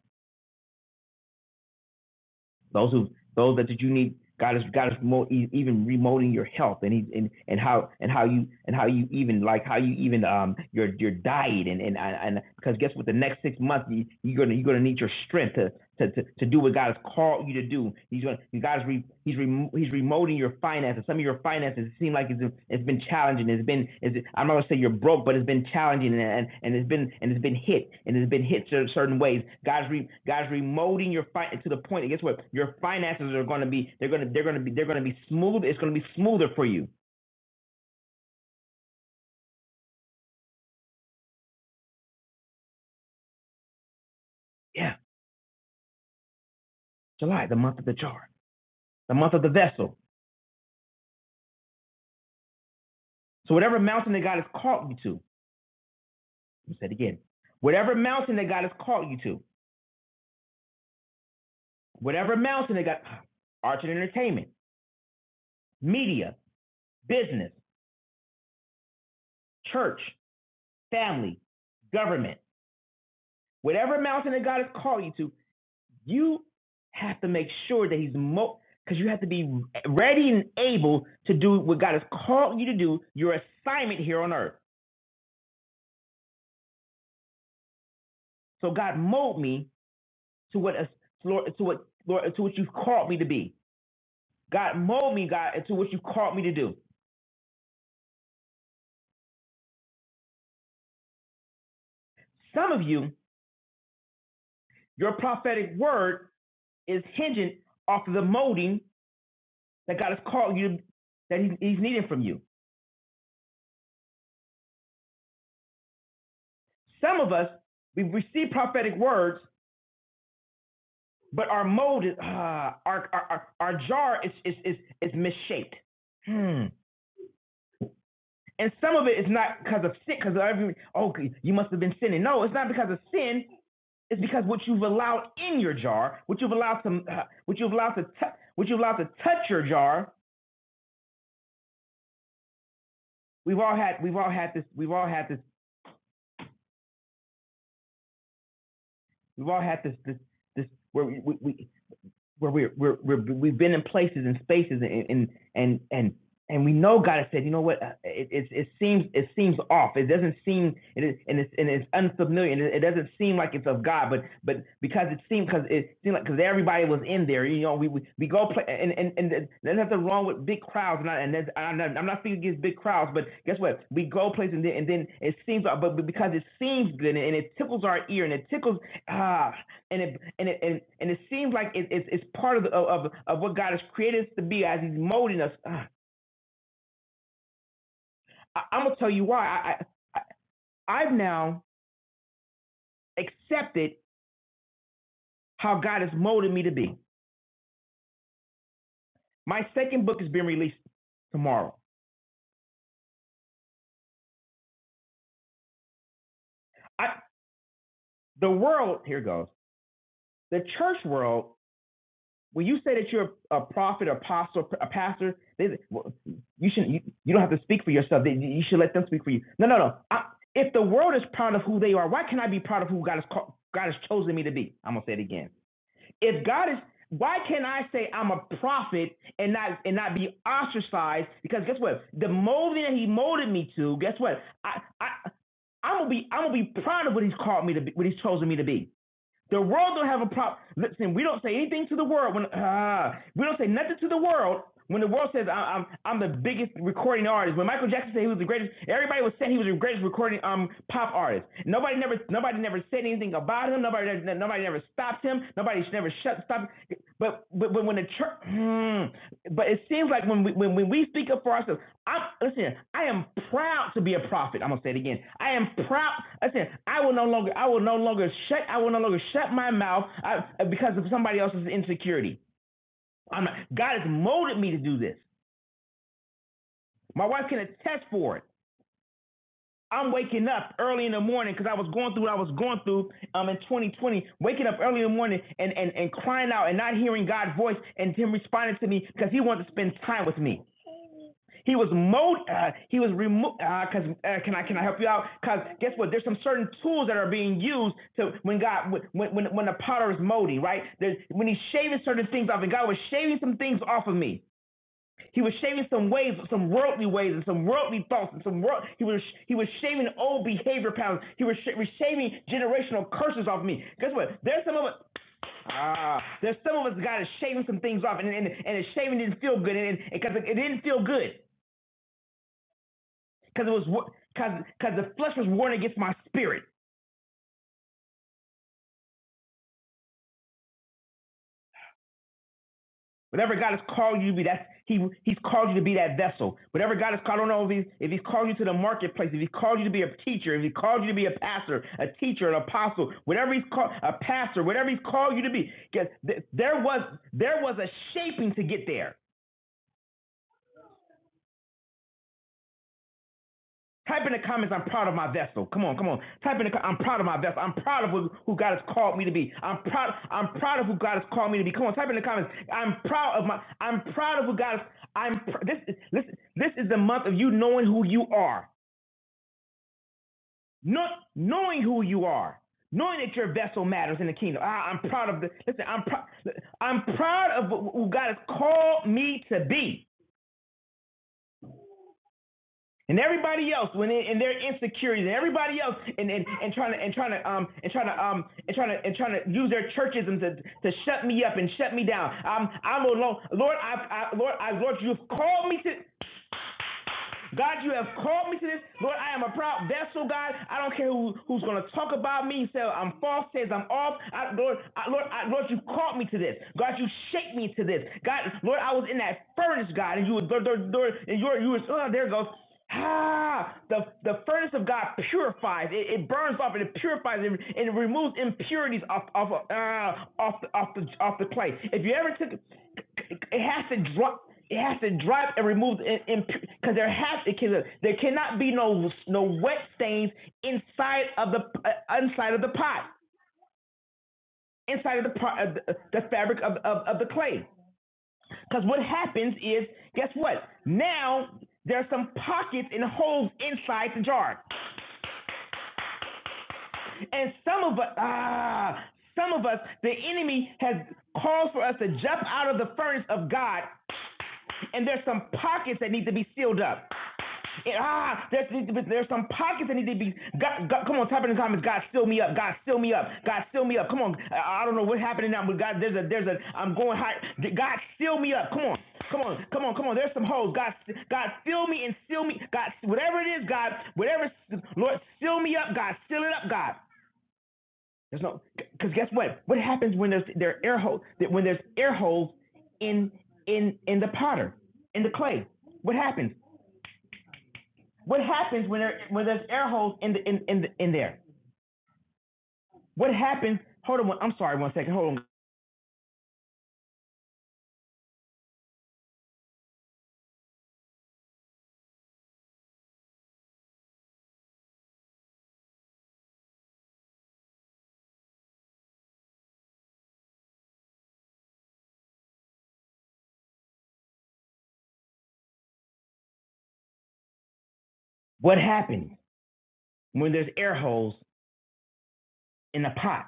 Those who those that you need, God is God is more e- even remoting your health and he and and how and how you and how you even like how you even um your your diet and and and because guess what? The next six months you, you're gonna you're gonna need your strength to. To, to, to do what God has called you to do, He's gonna, God is re, He's re, He's remodeling promoting your finances. Some of your finances seem like it's, it's been challenging. It's been it's, I'm not gonna say you're broke, but it's been challenging and, and, it's been and it's been hit and it's been hit certain ways. God's re, God's remoting your fi- to the point. And guess what? Your finances are gonna be they're gonna they're gonna be they're gonna be smooth. It's gonna be smoother for you. Yeah, July, the month of the jar, the month of the vessel. So whatever mountain that God has called you to, let me say it again. Whatever mountain that God has called you to, whatever mountain that God, ah, arts and entertainment, media, business church, family, government, whatever mountain that God has called you to, you have to make sure that He's mo because you have to be ready and able to do what God has called you to do, your assignment here on earth. So God mold me to what us- Lord to what Lord to what you've called me to be. God mold me, God, to what you've called me to do. Some of you, your prophetic word is hinging off of the molding that God has called you that he, He's needing from you. Some of us, we receive prophetic words, but our mold is, ah, our, our, our, our jar is, is, is, is misshaped. Hmm. And some of it is not because of sin, because every, oh, you must have been sinning. No, it's not because of sin. It's because what you've allowed in your jar, what you've allowed to, uh, what you've allowed to, tou- what you've allowed to touch your jar. We've all had, we've all had this, we've all had this, we've all had this, this, this, where we, we, we where we're, we're, we're we've been in places and spaces and and and and, and we know God has said, you know what? uh, It, it it seems it seems off. It doesn't seem it is and it's and it's unfamiliar. And it, it doesn't seem like it's of God, but but because it seemed because it seemed like because everybody was in there. You know, we we, we go play and and and there's nothing wrong with big crowds. And, I, and that's, I'm not I'm not speaking against big crowds, but guess what? We go places and then and then it seems, but because it seems good and it tickles our ear and it tickles ah and it and it and, and it seems like it, it's it's part of, the, of of what God has created us to be as He's molding us. Ah, I, I'm gonna tell you why. I, I I- have now accepted how God has molded me to be. My second book is being released tomorrow. I the world here goes. The church world when you say that you're a prophet, apostle, a pastor, they, well, you should you, you don't have to speak for yourself. They- You should let them speak for you. No, no, no. I, if the world is proud of who they are, why can't I be proud of who God has called, God has chosen me to be? I'm gonna say it again. If God is, why can't I say I'm a prophet and not and not be ostracized? Because guess what? The molding that He molded me to, guess what? I I I'm gonna be I'm gonna be proud of what He's called me to be, what He's chosen me to be. The world don't have a problem. Listen, we don't say anything to the world when ah, we don't say nothing to the world when the world says I- I'm I'm the biggest recording artist. When Michael Jackson said he was the greatest, everybody was saying he was the greatest recording um pop artist. Nobody never nobody never said anything about him. Nobody nobody never stopped him. Nobody never shut stopped. But but, but when the church, hmm, but it seems like when we when, when we speak up for ourselves, I'm listen, I am proud to be a prophet. I'm gonna say it again. I am proud listen, I will no longer I will no longer shut I will no longer shut my mouth uh, because of somebody else's insecurity. I'm not, God has molded me to do this. My wife can attest for it. I'm waking up early in the morning because I was going through what I was going through um, in 2020, waking up early in the morning and, and, and crying out and not hearing God's voice and him responding to me because he wanted to spend time with me. He was mowed. Uh, he was removed. Uh, cause uh, can I can I help you out? Cause guess what? There's some certain tools that are being used to when God when when when the potter is molding right. There's, when he's shaving certain things off, and God was shaving some things off of me. He was shaving some ways, some worldly ways, and some worldly thoughts, and some world. He was he was shaving old behavior patterns. He was, sh- shaving generational curses off me. Guess what? There's some of us. Ah, there's some of us God is shaving some things off, and and, and it's shaving didn't feel good, and because it, it didn't feel good because it was because because the flesh was warring against my spirit. Whatever God has called you to be, that's He He's called you to be that vessel. Whatever God has called, I don't know if He's if He's called you to the marketplace, if He's called you to be a teacher, if He called you to be a pastor, a teacher, an apostle, whatever He's called, a pastor, whatever He's called you to be. 'Cause th- There was there was a shaping to get there. Type in the comments, I'm proud of my vessel. Come on, come on. Type in the co- I'm proud of my vessel. I'm proud of who, who God has called me to be. I'm proud. I'm proud of who God has called me to be. Come on, type in the comments. I'm proud of my. I'm proud of who God. Has, I'm. Pr- this is listen. This is the month of you knowing who you are. Not knowing who you are. Knowing that your vessel matters in the kingdom. Ah, I'm proud of the. Listen, I'm. Pr- I'm proud of who God has called me to be. and everybody else when in, in their insecurities and everybody else and, and, and trying to and trying to um and trying to um and trying to and trying to use their churchism to, to shut me up and shut me down. I'm I'm alone. Lord, I, I Lord, I Lord, you've called me to God, you have called me to this. Lord, I am a proud vessel, God. I don't care who, who's going to talk about me. Say I'm false, says I'm off. I, Lord, I, Lord, I, Lord, you called me to this. God, you shaped me to this. God, Lord, I was in that furnace, God, and you, were- Lord, Lord, Lord, and you, were- you were, oh, there it goes. Ah, the the furnace of God purifies. It, it burns off and it purifies and, and it removes impurities off off of, ah, off the, off the off the clay. If you ever took, it has to drop. It has to drop and remove because there has it can, there cannot be no no wet stains inside of the uh, inside of the pot inside of the pro- of the, the fabric of, of of the clay. Because what happens is guess what? Now there's some pockets and holes inside the jar. And some of us, ah, some of us, the enemy has called for us to jump out of the furnace of God. And there's some pockets that need to be sealed up. And, ah, there's, there's some pockets that need to be. God, God, come on, type in the comments. God, seal me up. God, seal me up. God, seal me up. Come on. I, I don't know what's happening now, but God, there's a, there's a. I'm going high. God, seal me up. Come on, come on, come on, come on. There's some holes. God, God, seal me and seal me. God, whatever it is, God, whatever. Lord, seal me up. God, seal it up. God. There's no because guess what? What happens when there's there are air holes when there's air holes in in in the potter in the clay? What happens? What happens when there when there's air holes in the in in the, in there? What happens? Hold on. one- I'm sorry. One second. Hold on. What happens when there's air holes in the pot?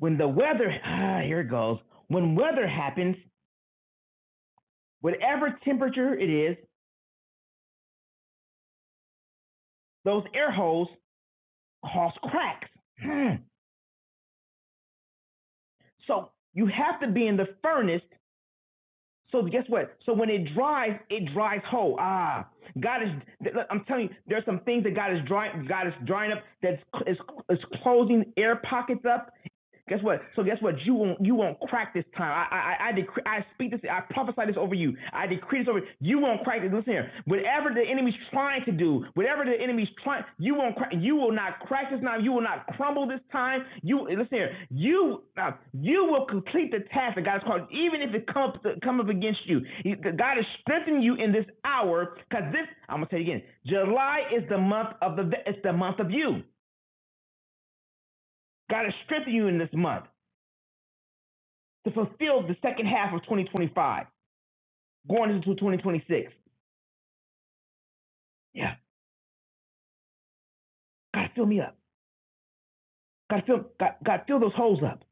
When the weather <sighs> ah, here it goes. When weather happens, whatever temperature it is, those air holes cause cracks. Hmm. So you have to be in the furnace So guess what? So when it dries, it dries whole. Ah, God is. I'm telling you, there's some things that God is drying. God is drying up. That's is, is closing air pockets up. Guess what? So guess what? You won't you won't crack this time. I I I, decree, I speak this. I prophesy this over you. I decree this over you. You won't crack this. Listen here. Whatever the enemy's trying to do, whatever the enemy's trying, you won't crack. You will not crack this now. You will not crumble this time. You listen here. You now you will complete the task that God has called, even if it comes to, come up against you. God is strengthening you in this hour because this. I'm gonna say it again. July is the month of the. It's the month of you. God is strengthening you in this month. to fulfill the second half of 2025, going into 2026. Yeah, God, fill me up. God, fill, God, God, fill those holes up.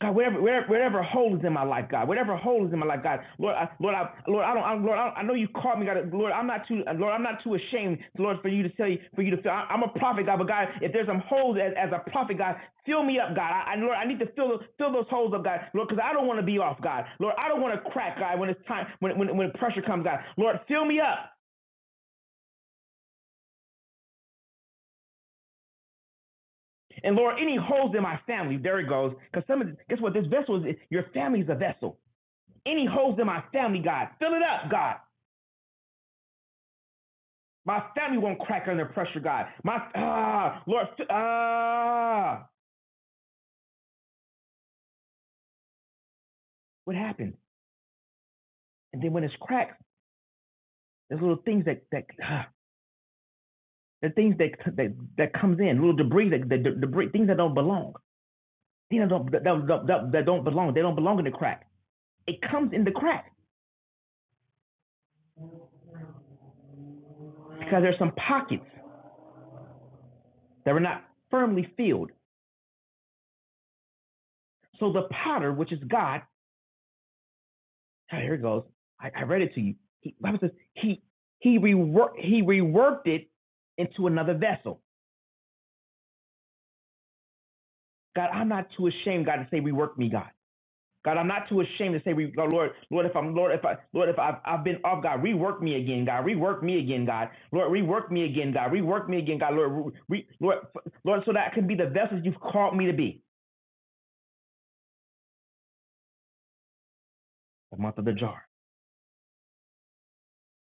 God, whatever, wherever, wherever hole is in my life, God, whatever hole is in my life, God, Lord, I, Lord, I, Lord, I don't, I, Lord, I, don't- I know you called me, God, Lord, I'm not too, Lord, I'm not too ashamed, Lord, for you to tell you, for you to fill. I, I'm a prophet, God, but God, if there's some holes as, as a prophet, God, fill me up, God. I, I, Lord, I need to fill, fill those holes up, God, Lord, because I don't want to be off, God, Lord, I don't want to crack, God, when it's time, when, when, when pressure comes, God, Lord, fill me up, And Lord, any holes in my family, there it goes. Because some of guess what? This vessel is your family is a vessel. Any holes in my family, God, fill it up, God. My family won't crack under pressure, God. My ah, Lord, ah, what happened? And then when it's cracked, there's little things that that ah, the things that that that comes in, little debris that, that that debris, things that don't belong, things that don't that, that, that, that don't belong. They don't belong in the crack. It comes in the crack because there's some pockets that were not firmly filled So the potter, which is God, ah, here it goes. I, I read it to you. He, Bible says he he reworked he reworked it into another vessel. God, I'm not too ashamed, God, to say rework me, God. God, I'm not too ashamed to say, re- God, Lord, Lord, if I'm, Lord, if I, Lord, if I've, I've been off, God, rework me again, God, rework me again, God, Lord, rework me again, God, rework me again, God, Lord, re, Lord, f- Lord, so that I can be the vessel you've called me to be. The month of the jar,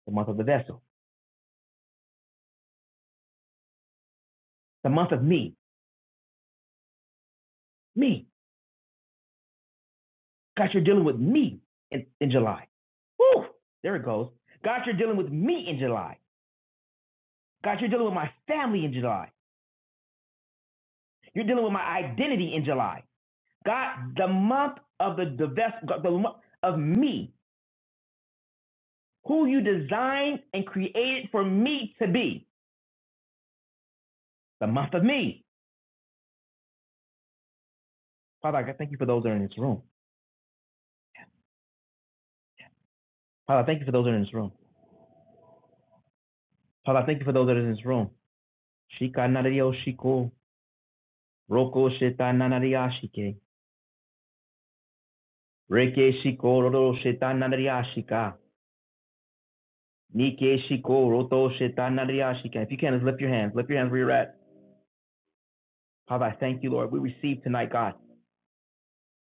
the month of the vessel, the month of me, me. God, you're dealing with me in, in July. Woo! There it goes. God, you're dealing with me in July. God, you're dealing with my family in July. You're dealing with my identity in July. God, the month of the divest, God, the month of me, who you designed and created for me to be, the month of me. Father, I thank you for those that are in this room. Father, I thank you for those that are in this room. Father, I thank you for those that are in this room. Shika narario shiko, roko sheta nanariashike, reke shiko roro sheta nanariashika. Nike Shiko Roto Shetanariashika. If you can, just lift your hands. Lift your hands where you're at. Father, I thank you, Lord. We receive tonight, God.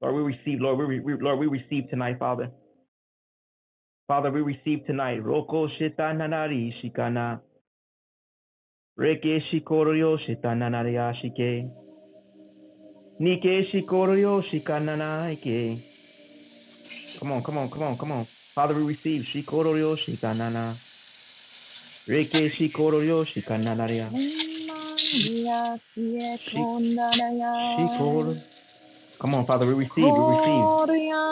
Lord, we receive, Lord, we, we Lord, we receive tonight, Father. Father, we receive tonight. Roko Shetanari Shikana. Reke Shikoryo shetanariya shike. Nike Shikoryo Shikananaike. Come on, come on, come on, come on. Father, we receive Shikoryo Shetanana. Reke Shikoryo Shikananaria. Mandia sie Shik kondanaya. Shikor. Come on, Father, we receive, we receive. Korea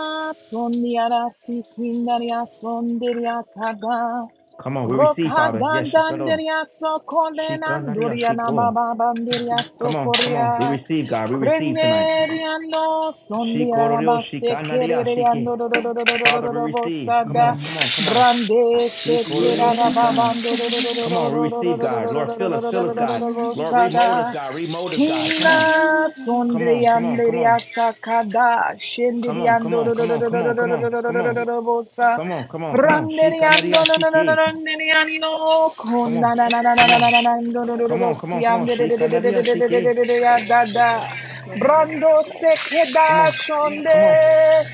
sondiara si kindaria sondiria kada. Come on, we Croc receive, ha Father. Yes, Shikado. dandandiriaso Shika Nario colenandurianna Shiko. bababandiriaso Come on, come on. We coria. receive, God. We receive tonight. Creneriando son dianna Shikorio ma se Shika Naria Shike. creeriando Father, we receive. Come on, rosada. Yes, come on, come on. Brandese che Shikorio da da Shikana. babando Come on, we receive, God. Lord, fill us, fill us, God. Lord, remold us, rosada. God. Remold us, God. Come on. Come on, come on, come on. Chinasondiriandiriasa cada Come on, come scendiriando on, come on, come on, come on, come on. rosada. Come on, come on, come on. Shika Naria Randeriando, no, no, no, no, Shike. randeriando, Come con on. da, da, da, da, da, Come da, da, on. da, da, do, do, do, do, Come do, on, come on, si, come am, on. de, de, de, Shika de, de, Naria de, de, de, de, de, Shike. de, de, de, ya, da, da. Brando se Come queda on. Come on. shonde,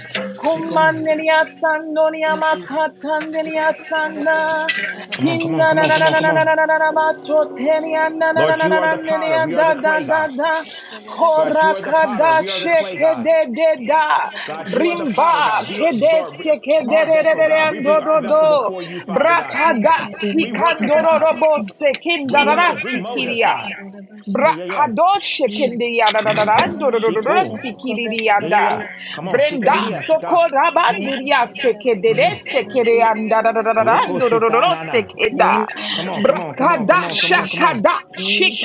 She con come on. manderia sandoria macatanderia sanda, Come on, come on, kinda, come da, on, da, come da, on, come da, da, da, da, da, on. da, da, ba, choteria, da, da, Lord, da, da, you are da, the potter. We are da, da, da, the da, clay, da, God. da. God, you are the potter. Korakada We are the clay, God. shekede de da. God, you are the potter, Brimba God. We are, kede Lord, we- sekede our re re vessel, re re God. We bring ando our do vessel do. before you, Father God. Brakada Rework us, sikandoro God. robo sekinda Rework us. rasi Remold us, kiria. God. Yeah, yeah, yeah. Brakadoshe kindia da da da da do Mm-hmm. do do do do do Shiko. sikiriya Yeah, yeah, da. yeah. Come on, Shika Brenda Didia, Shika. sokora bandiria sekede de Mm-hmm. sekede anda da da da da da Roko do do do do shita do nana. Thank sekeda. Come on, come on, come on, come on, come on, Brakadasha come on. kada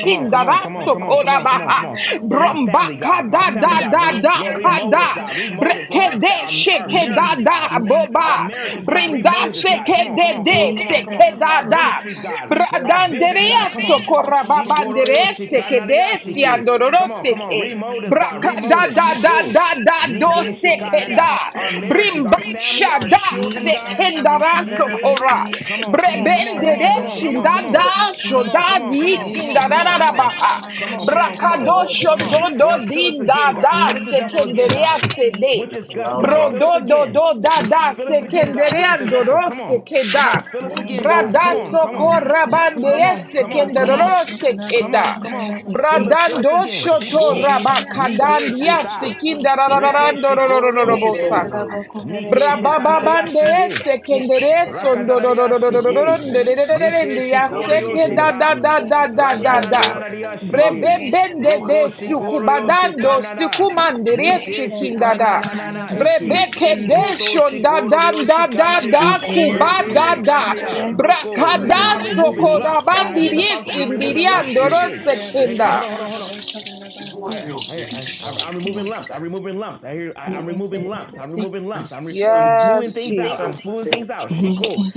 Come on, come on, come on, raso come on, come koda on, come on, baha. come on. For my family, God, Brombaka my da family, da God, da da Lord, remold us, kada. God, remold us, our, Brekede our our sheke da marriages, God, boba. our marriages, God, Brinda remold us, God. Come seke on, come de on, come on, de come on, come on. seke da Our da. ministries, God, Lord, our business, God, Bradanderea come on. sokora Shikororyo babanderea seke de shikanariyashiki. siandororo Come on, come on, seke. remold us, God, remold Brakada us, da da Shiku. da da do Nike shikanara. sekeda. Our marriages, Brimba our you. family, our shada children, God, sekendara Shike. sokora. Come on, come on, come on, Brebende come de on, come on, come on, shinda come da on. Come on, shoda come on, come di on, come on, come kindara on, da come da on, baha. come on, come on, come on, Brakado come on. shodo Lord, do fill us din da again, God. da Fill us this vessel again, sekenderia God. Which sede. is Gus, God. Bro Fill us do Yes, do again. do da da Fill us again, God, which is sekenderia the vessel. doro Come on, come sekeda. on, fill us again, God. Come Brada on, come on, soko come rabande on, come on, come on, sekendero come sekeda. on, come on. Fill us, fill us again. Shiko, Nike Shita, Reke Shikororo Shito, Thank Nike Shita Naria Shike. Rakadadaria shike. Nike shikoryo shita. Ratanananaria shike. Roko shikoryo shitanana. Nike shikananana eke. Roto shikoryo shikanaria. Reke shikanaria. Roko. I'm removing lumps. I hear the Father say, I'm removing lumps. Reke. Hey, hold on, hold on, hold on. I, I, I, I, am removing lumps. I'm removing lumps. I hear. I, I'm removing lumps. I'm removing lumps. I'm, re- I'm smoothing things out. I'm smoothing things out. Shiko.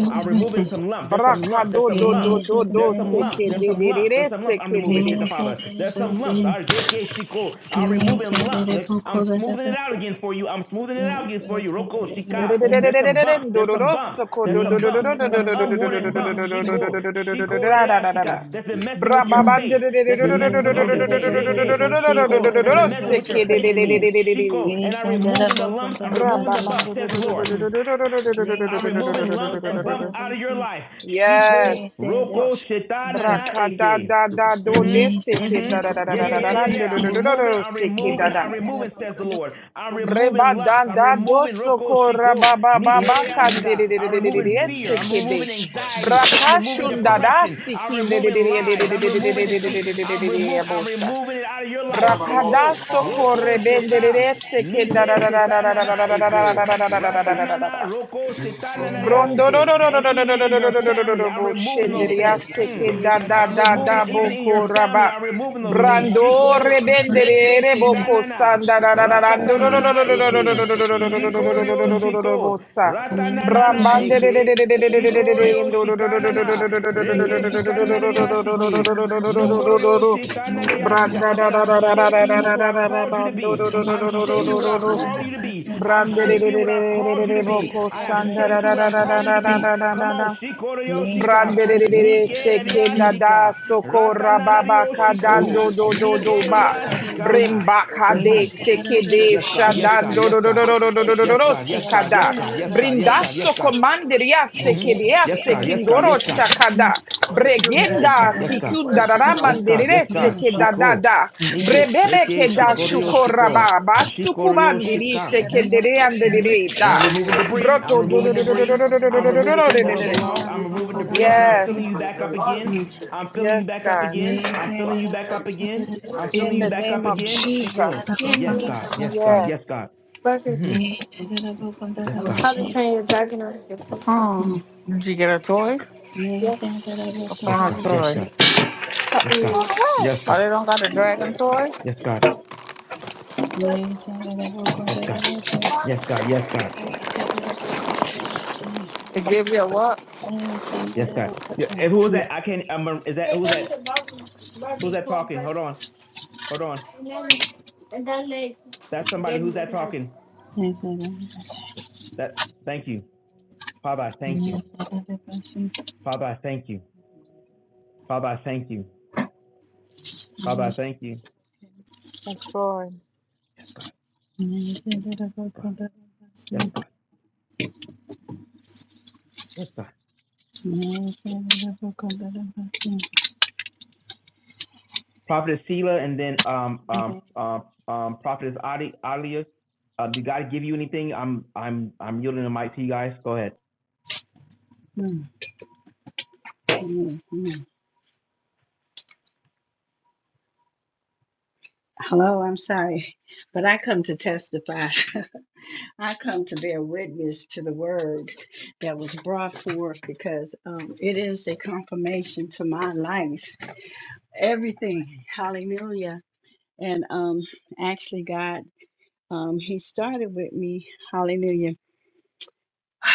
I'm removing some lumps. There's some lumps. There's some lumps. There's some lumps. There's you. some lumps. There's some lumps. I'm removing shit, the He said Father. that about the There's some lumps. All bussy, right, great, great, she cool. I'm removing lumps. I'm smoothing it out out again for you. I'm smoothing it out again for you. Roko, Shika. There's some bumps. There's some bumps. There's some bumps. Some unwanted bumps. Shiko, Shiko, Reya, Shika. That's been messing with your faith. That's been messing with your faith. Reke, that Shiko. I That's did been a messing with boss of your faith my in me. day. Shiko. He And I'm said that removing the about lumps. I'm the removing the bussy. bumps, says the Lord. He I'm said that removing about lumps and bumps the out of your bussy. life. Shiko, He said that Roko, Sheta, Nana, Braka da Eke. da da do de Mm-hmm. He said seke Mm-hmm. da that da about da the da Yeah, da yeah, da yeah, da bussy. da yeah, do yeah. do I'm do do do removing, do I'm seke da removing, He da I'm said removing, says the that Lord. I'm about breba removing lumps. da I'm da do removing Roko soko ra Shiko, ba ba ba ba kan the de de bussy. Nikedeyashika. de de I'm de de de removing de fear. I'm seke removing de anxiety. I'm braka removing shun da da depression. I'm sikin de de de removing de de de lies. I'm de de de removing de de deceit. de de de de de I'm de de de removing, I'm bosa removing it out of your life. braka Thank da Shiko, soko Roko re ben de de Sheta. de seke Nike da da da da da da da da da shetanana da eko. da da da da da da da da Ratanana da roko shetanana ashike. And even in your family, I'm removing those things. Mm. I'm removing even in your family, I'm removing those things. Shiko reke shetanana. Rakatanana eke. Shikorio shito. Ratanana eke. Shikorio shikanana. Reke shikananariashiki. Nokorio shitananariashika. And I'm shaping you to I called you to be. I'm shaping what I've called you to be. I'm shaping what I've called you to Branderererererererebo be. ko I have sandara shaped you da what da I'm da da calling you to da be. da da Come da on, da. Shikorio shika. Branderere Nike you. sekenda da dariashika. sokora baba May Ratananarioshiko. kadando do do Nike do ba. Bremba hmm kade sekede Yes, God. Yes, God. shadando Yes, do do do God. do do do do do Yes, do do God. Yes, God. Yes, sikada. God. Yes, God. Yes, God. Yes, Brindaso God. komanderia Mm-hmm. sekedea Yes, God. Yes, God. Yes, sekindoro God. shakada. Yeah, Yes, Bregenda God. Yes, God. sikunda Yes, God. Yes, ramanderere God. sekeda da Shiko. da. Nike. Brebebe Eke. keda Shikoryo. shukora Shiko. baba Shikoryo. sukubandiri Shika. sekedere Mm-hmm. Mm-hmm. andere And I'm da. removing debris. I'm Broto do do removing do do do do debris. do do do I'm do do do removing do things do that do don't do do. belong. I'm removing debris. And I'm Yes. filling you back up again. I'm filling you Yes, back up God. again. I'm filling you back up again. I'm filling In you the back up name of again. Shiko. Jesus. Yes, God. Yes, God. Yes. Yes, God. Mm-hmm. Yes, God. the Did you get a toy? What Yes, kind God. of Yes, toy? God. Yes, God. Yes, Oh, God. they don't got the dragon toy? Yes, God. Yes, God. Yes, God. Yes, God. They give you a what? Yes, God. Yeah, and who is that? I can't. I'm, is that who's that? Who's that talking? Hold on. Hold on. That's somebody. Who's that talking? That. Thank you, Father. I thank you, Father. I thank you, Father. I thank you, Father. I thank you. That's Lord. Yes, God. God. Yes, God. Yes, God. Prophetess Sheila, and then um um um um Prophetess Adi Adia. Uh, did God give you anything? I'm I'm I'm yielding the mic to you guys. Go ahead. Hello, I'm sorry, but I come to testify. <laughs> I come to bear witness to the word that was brought forth because um, it is a confirmation to my life. Everything, hallelujah. And um, actually, God, um, He started with me, hallelujah. <sighs>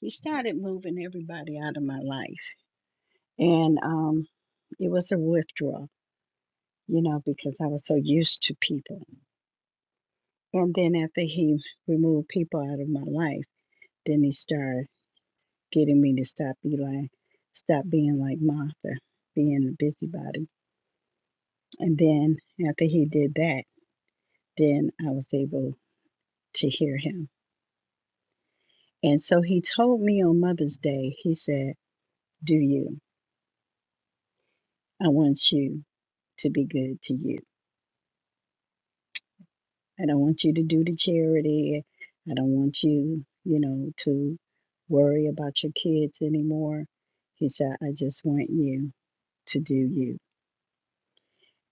he started moving everybody out of my life. And um, it was a withdrawal, you know, because I was so used to people. And then after He removed people out of my life, then He started. getting me to stop be like, stop being like Martha, being a busybody. And then after he did that, then I was able to hear him. And so he told me on Mother's Day, he said, Do you? I want you to be good to you. I don't want you to do the charity. I don't want you, you know, to worry about your kids anymore. He said, I just want you to do you.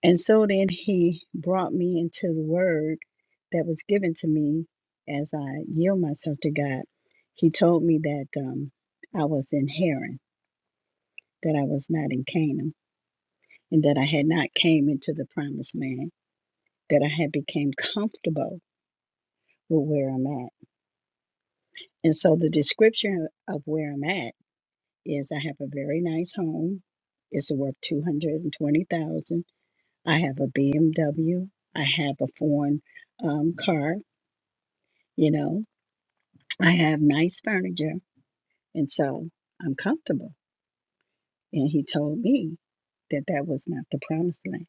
And so then he brought me into the word that was given to me as I yield myself to God. He told me that um, I was in Haran, that I was not in Canaan, and that I had not came into the promised land, that I had became comfortable with where I'm at. And so the description of where I'm at is I have a very nice home. It's worth 220,000. I have a BMW. I have a foreign um, car, you know, I have nice furniture, and so I'm comfortable. And he told me that that was not the promised land.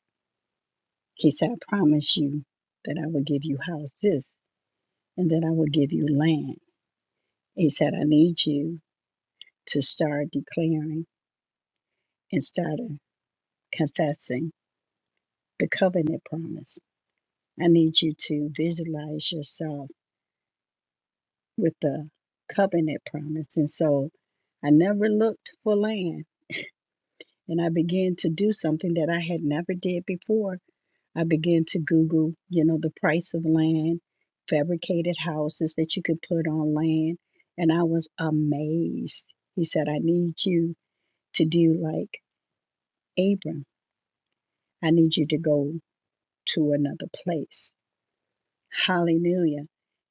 He said, I promise you that I will give you houses and that I will give you land. He said, I need you to start declaring and start confessing the covenant promise. I need you to visualize yourself with the covenant promise. And so I never looked for land and I began to do something that I had never did before I began to Google, you know, the price of land, fabricated houses that you could put on land, and I was amazed. He said, I need you to do like Abram. I need you to go to another place. Hallelujah.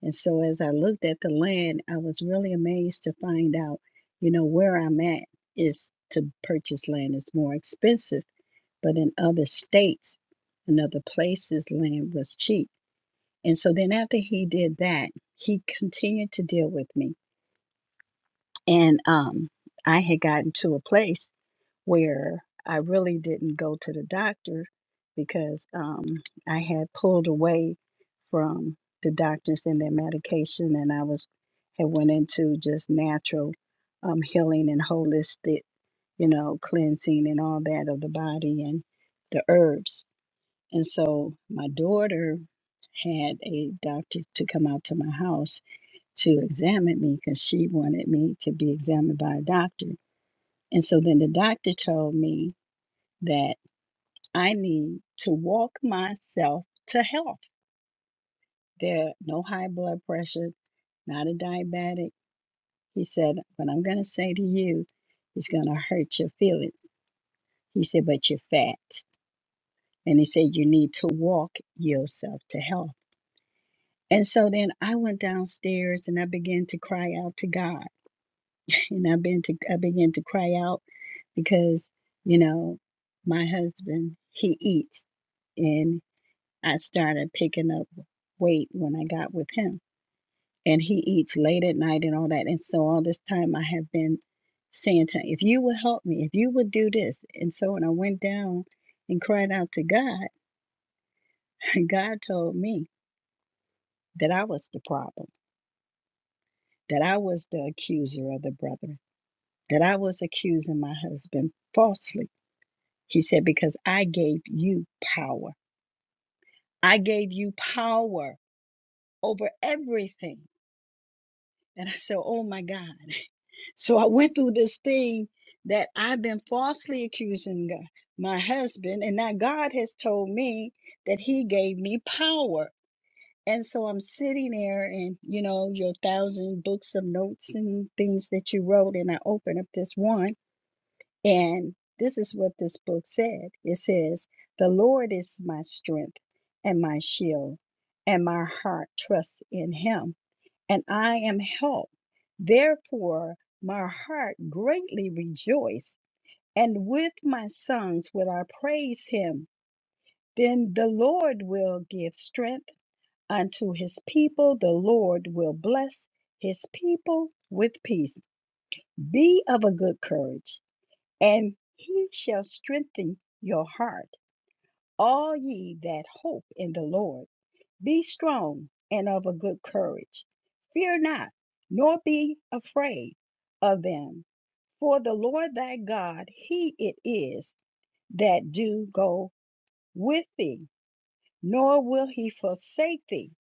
And so as I looked at the land, I was really amazed to find out, you know, where I'm at is to purchase land is more expensive, but in other states and other places, land was cheap. And so then after he did that, he continued to deal with me. And um, I had gotten to a place where I really didn't go to the doctor because um, I had pulled away from the doctors and their medication, and I was had went into just natural um, healing and holistic, you know, cleansing and all that of the body and the herbs. And so my daughter had a doctor to come out to my house to examine me because she wanted me to be examined by a doctor. And so then the doctor told me that I need to walk myself to health. There, no high blood pressure, not a diabetic. He said, What I'm going to say to you is going to hurt your feelings. He said, But you're fat. And he said, You need to walk yourself to health. And so then I went downstairs and I began to cry out to God. And I began to I began to cry out because, you know, my husband, he eats. And I started picking up weight when I got with him. And he eats late at night and all that. And so all this time I have been saying to him, if you would help me, if you would do this. And so when I went down and cried out to God, <laughs> God told me that I was the problem, that I was the accuser of the brethren that I was accusing my husband falsely. He said, Because I gave you power. I gave you power over everything. And I said, Oh my God. <laughs> So I went through this thing that I've been falsely accusing God, my husband. And now God has told me that he gave me power. And so I'm sitting there and, you know, your thousand books of notes and things that you wrote. And I open up this one And this is what this book said it says, The Lord is my strength and my shield, and my heart trusts in him, and I am helped. Therefore, my heart greatly rejoiced, and with my songs will I praise him. Then the Lord will give strength unto his people, the Lord will bless his people with peace. Be of a good courage and he shall strengthen your heart. All ye that hope in the Lord, be strong and of a good courage. Fear not, nor be afraid of them. For the Lord thy God, he it is that do go with thee, nor will he forsake thee.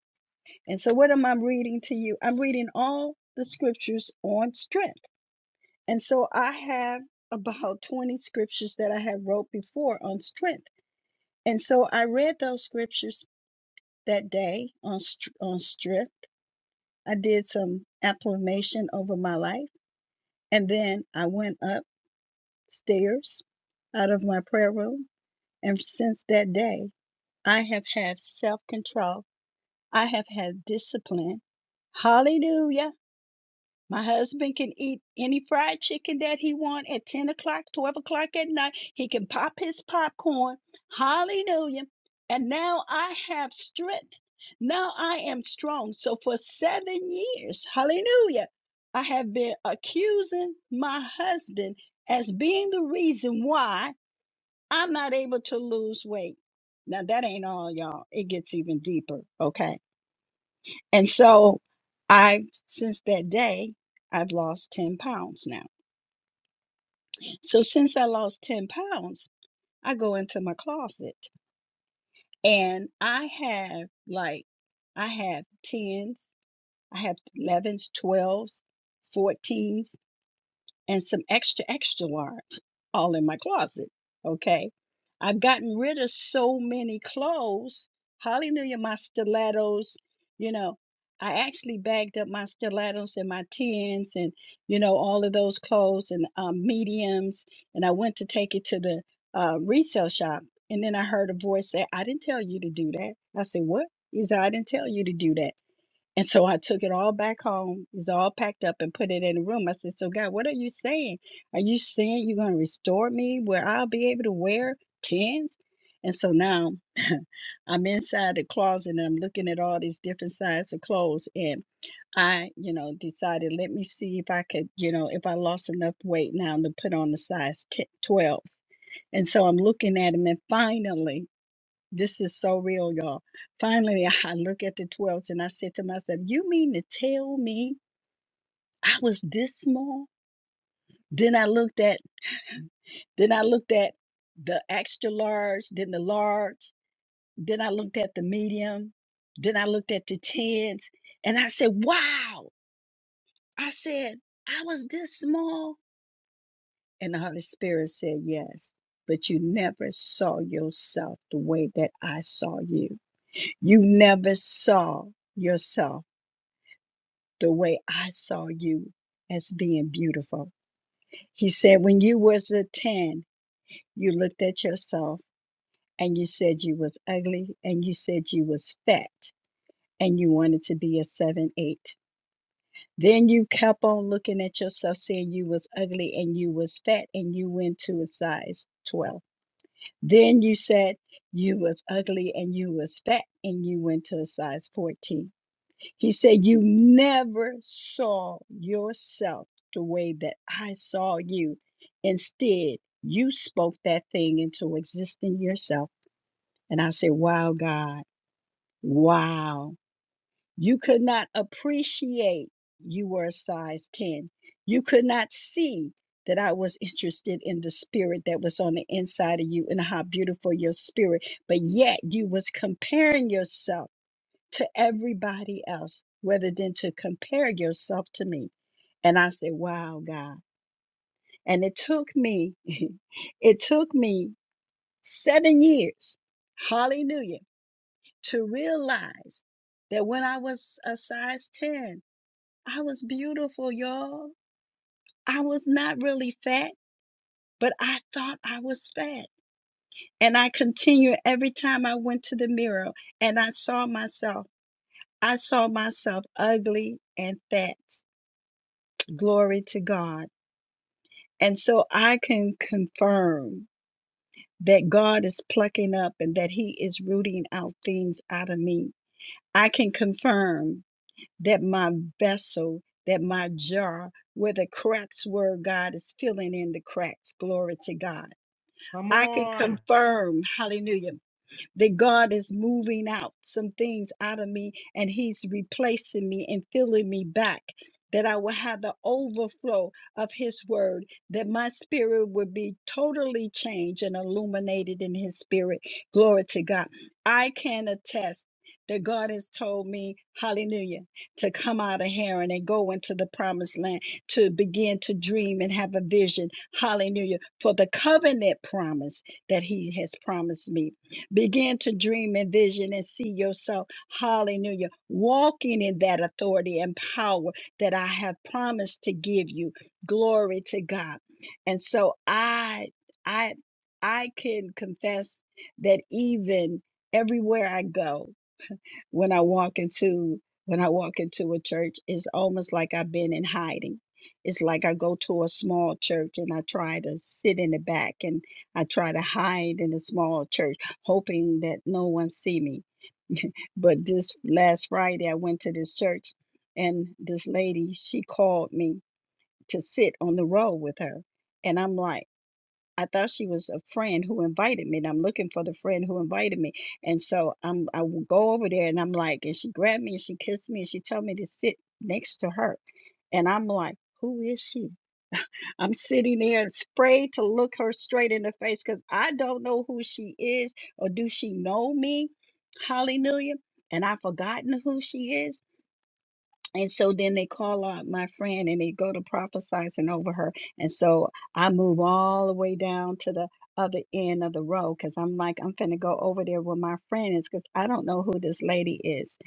And so, what am I reading to you? I'm reading all the scriptures on strength. And so I have about 20 scriptures that I have wrote before on strength. And so I read those scriptures that day on on strength. I did some affirmation over my life and then I went upstairs out of my prayer room and since that day I have had self-control. I have had discipline. Hallelujah. My husband can eat any fried chicken that he want at 10 o'clock, 12 o'clock at night. He can pop his popcorn. Hallelujah. And now I have strength. Now I am strong. So for seven years, hallelujah, I have been accusing my husband as being the reason why I'm not able to lose weight. Now that ain't all, y'all. It gets even deeper. Okay. And so I've, since that day, I've lost 10 pounds now. So since I lost 10 pounds, I go into my closet and I have like, I have 10s, I have 11s, 12s, 14s. and some extra, extra large all in my closet. Okay. I've gotten rid of so many clothes. Hallelujah, my stilettos. You know, I actually bagged up my stilettos and my tens and, you know, all of those clothes and um, mediums. And I went to take it to the uh, resale shop. And then I heard a voice say, I didn't tell you to do that. I said, What? He said, I didn't tell you to do that. And so I took it all back home. It's all packed up and put it in the room. I said, So, God, what are you saying? Are you saying you're going to restore me where I'll be able to wear tens? And so now <laughs> I'm inside the closet and I'm looking at all these different sizes of clothes. And I, you know, decided, let me see if I could, you know, if I lost enough weight now to put on the size 10, 12. And so I'm looking at them. And finally, this is so real, y'all. Finally, <laughs> I look at the 12s and I said to myself, You mean to tell me I was this small? Then I looked at, then I looked at the extra large, then the large, then I looked at the medium, then I looked at the 10s, and I said, Wow. I said, I was this small. And the Holy Spirit said, Yes, but you never saw yourself the way that I saw you. You never saw yourself the way I saw you as being beautiful. He said, when you was a 10, you looked at yourself and you said you was ugly and you said you was fat and you wanted to be a 7, 8. Then you kept on looking at yourself saying you was ugly and you was fat and you went to a size 12. Then you said you was ugly and you was fat and you went to a size 14. He said, You never saw yourself the way that I saw you. Instead, you spoke that thing into existence yourself. And I said, Wow, God, wow. You could not appreciate you were a size 10. You could not see that I was interested in the spirit that was on the inside of you and how beautiful your spirit, but yet you was comparing yourself to everybody else rather than to compare yourself to me. And I said, Wow, God. And it took me, <laughs> it took me seven years, hallelujah, to realize that when I was a size 10, I was beautiful, y'all. I was not really fat, but I thought I was fat. And I continued every time I went to the mirror and I saw myself, I saw myself ugly and fat. Glory to God. And so I can confirm that God is plucking up and that He is rooting out things out of me. I can confirm that my vessel, that my jar, where the cracks were, God is filling in the cracks. Glory to God. Come I can on. confirm, hallelujah that God is moving out some things out of me and He's replacing me and filling me back. That I will have the overflow of His Word, that my spirit will be totally changed and illuminated in His Spirit. Glory to God. I can attest that God has told me, hallelujah, to come out of Haran and go into the promised land, to begin to dream and have a vision, hallelujah, for the covenant promise that He has promised me. Begin to dream and vision and see yourself, hallelujah, walking in that authority and power that I have promised to give you. Glory to God. And so I I I can confess that even everywhere I go when I walk into when I walk into a church, it's almost like I've been in hiding. It's like I go to a small church and I try to sit in the back and I try to hide in a small church, hoping that no one see me. But this last Friday, I went to this church, and this lady she called me to sit on the row with her, and I'm like. I thought she was a friend who invited me, and I'm looking for the friend who invited me. And so I'm I w- go over there and I'm like, and she grabbed me and she kissed me and she told me to sit next to her. And I'm like, who is she? I'm sitting there afraid to look her straight in the face because I don't know who she is or do she know me? Hallelujah. And I've forgotten who she is. And so then they call out my friend and they go to prophesizing over her. And so I move all the way down to the other end of the road because I'm like, I'm finna go over there where my friend is because I don't know who this lady is.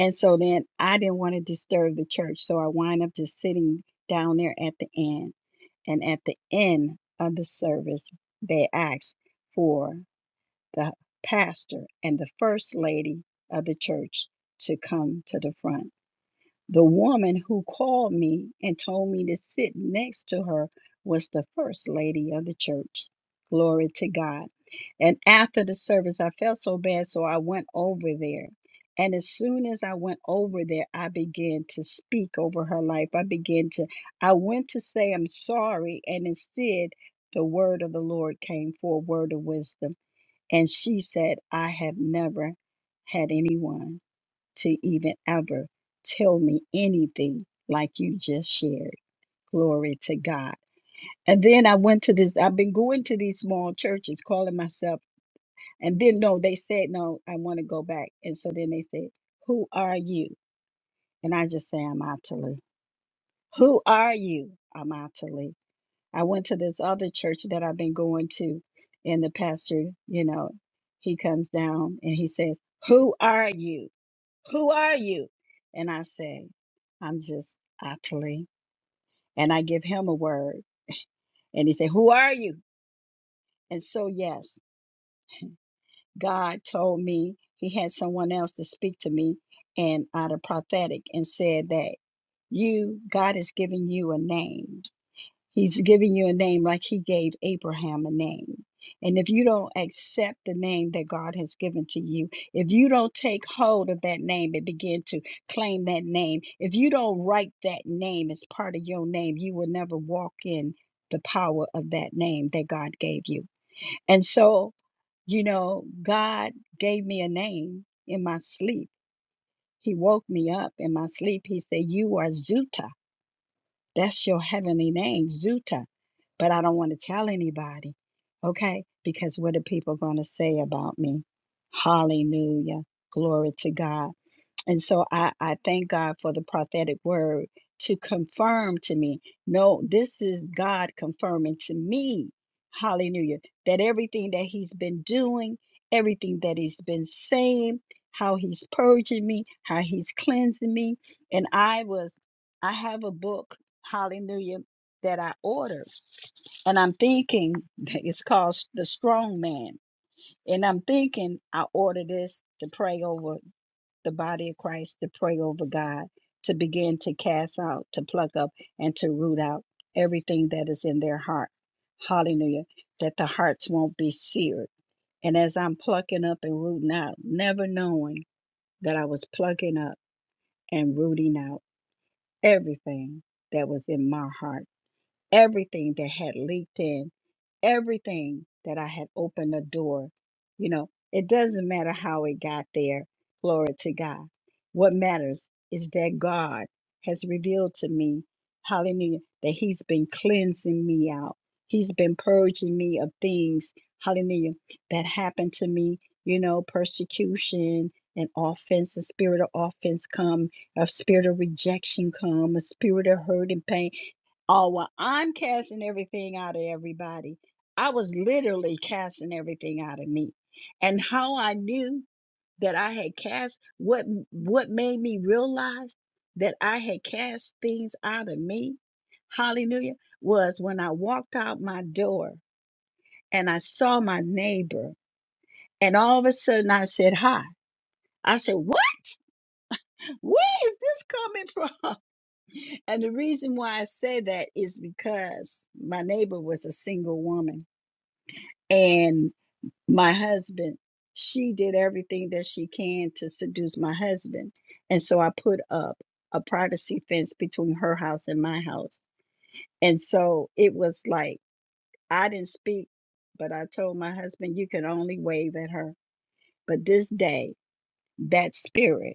And so then I didn't want to disturb the church. So I wind up just sitting down there at the end. And at the end of the service, they asked for the pastor and the first lady of the church to come to the front. The woman who called me and told me to sit next to her was the first lady of the church. Glory to God. And after the service, I felt so bad, so I went over there. And as soon as I went over there, I began to speak over her life. I began to, I went to say, I'm sorry. And instead, the word of the Lord came for a word of wisdom. And she said, I have never had anyone to even ever tell me anything like you just shared. Glory to God. And then I went to this, I've been going to these small churches calling myself, and then no, they said, no, I want to go back. And so then they said, Who are you? And I just say, I'm Atalie. Who are you? I'm Atalie. I went to this other church that I've been going to, and the pastor, you know, he comes down and he says, Who are you? Who are you? And I say, I'm just Atali. And I give him a word. And he said, Who are you? And so, yes, God told me he had someone else to speak to me and out of prophetic and said that you, God has given you a name He's giving you a name like he gave Abraham a name. And if you don't accept the name that God has given to you, if you don't take hold of that name and begin to claim that name, if you don't write that name as part of your name, you will never walk in the power of that name that God gave you. And so, you know, God gave me a name in my sleep. He woke me up in my sleep. He said, You are Zuta that's your heavenly name, Zuta. But I don't want to tell anybody, okay? Because what are people going to say about me? Hallelujah. Glory to God. And so I, I thank God for the prophetic word to confirm to me no, this is God confirming to me, hallelujah, that everything that He's been doing, everything that He's been saying, how He's purging me, how He's cleansing me. And I was, I have a book, hallelujah, that I ordered. And I'm thinking <laughs> it's called The Strong Man. And I'm thinking I ordered this to pray over the body of Christ to pray over God, to begin to cast out, to pluck up, and to root out everything that is in their heart. Hallelujah. That the hearts won't be seared. And as I'm plucking up and rooting out, never knowing that I was plucking up and rooting out everything that was in my heart everything that had leaked in, everything that I had opened the door. You know, it doesn't matter how it got there. Glory to God. What matters is that God has revealed to me, hallelujah, that He's been cleansing me out. He's been purging me of things, hallelujah, that happened to me, you know, persecution and offense, the spirit of offense come, a spirit of rejection come, a spirit of hurt and pain Oh, well, I'm casting everything out of everybody. I was literally casting everything out of me. And how I knew that I had cast what what made me realize that I had cast things out of me, hallelujah, was when I walked out my door and I saw my neighbor and all of a sudden I said hi. I said, What? Where is this coming from? <laughs> And the reason why I say that is because my neighbor was a single woman and my husband she did everything that she can to seduce my husband and so i put up a privacy fence between her house and my house and so it was like i didn't speak but i told my husband you can only wave at her but this day that spirit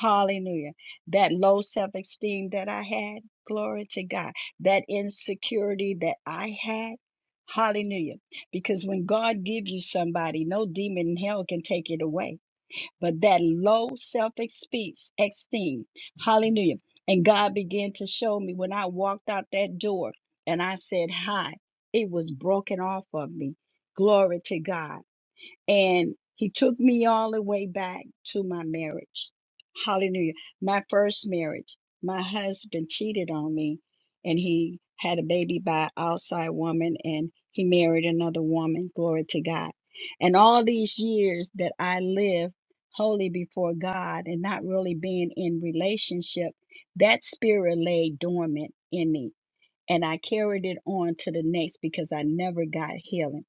Hallelujah. That low self esteem that I had, glory to God. That insecurity that I had, hallelujah. Because when God gives you somebody, no demon in hell can take it away. But that low self esteem, hallelujah. And God began to show me when I walked out that door and I said, Hi, it was broken off of me. Glory to God. And he took me all the way back to my marriage. Hallelujah. My first marriage. My husband cheated on me and he had a baby by an outside woman and he married another woman. Glory to God. And all these years that I lived holy before God and not really being in relationship, that spirit lay dormant in me. And I carried it on to the next because I never got healing.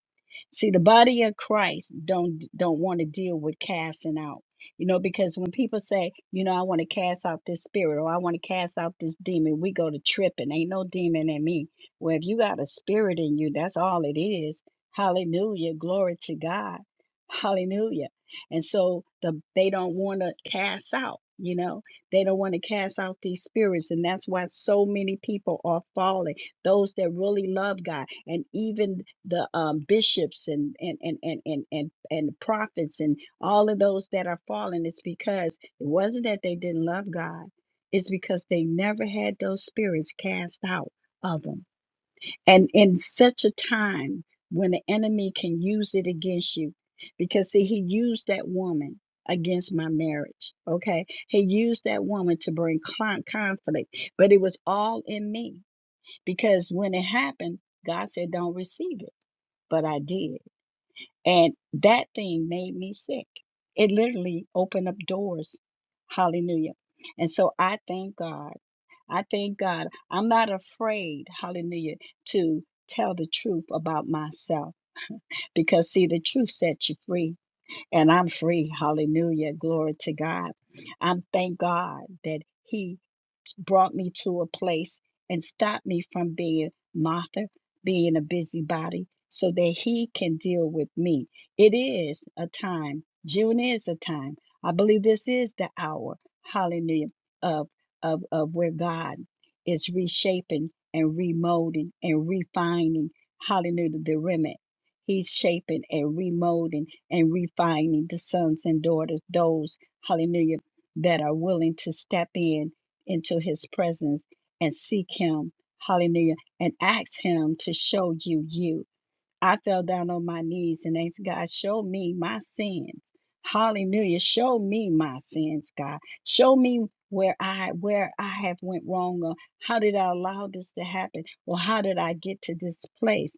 See, the body of Christ don't don't want to deal with casting out. You know, because when people say, you know, I want to cast out this spirit or I want to cast out this demon, we go to tripping. Ain't no demon in me. Well, if you got a spirit in you, that's all it is. Hallelujah. Glory to God. Hallelujah. And so the they don't want to cast out, you know. They don't want to cast out these spirits. And that's why so many people are falling those that really love God, and even the um, bishops and and and and and and, and prophets and all of those that are fallen. It's because it wasn't that they didn't love God; it's because they never had those spirits cast out of them. And in such a time when the enemy can use it against you, because see, he used that woman against my marriage. Okay. He used that woman to bring con- conflict, but it was all in me because when it happened, God said, don't receive it. But I did. And that thing made me sick. It literally opened up doors. Hallelujah. And so I thank God. I thank God. I'm not afraid, hallelujah, to tell the truth about myself because, see, the truth sets you free. And I'm free. Hallelujah. Glory to God. I'm thank God that He brought me to a place and stopped me from being Martha, being a busybody, so that He can deal with me. It is a time. June is a time. I believe this is the hour, hallelujah, of, of, of where God is reshaping and remolding and refining, hallelujah, the remnant. He's shaping and remolding and refining the sons and daughters, those, hallelujah, that are willing to step in into his presence and seek him. Hallelujah. And ask him to show you you. I fell down on my knees and asked God, show me my sins. Hallelujah. Show me my sins, God. Show me where I where I have went wrong or how did I allow this to happen or how did I get to this place?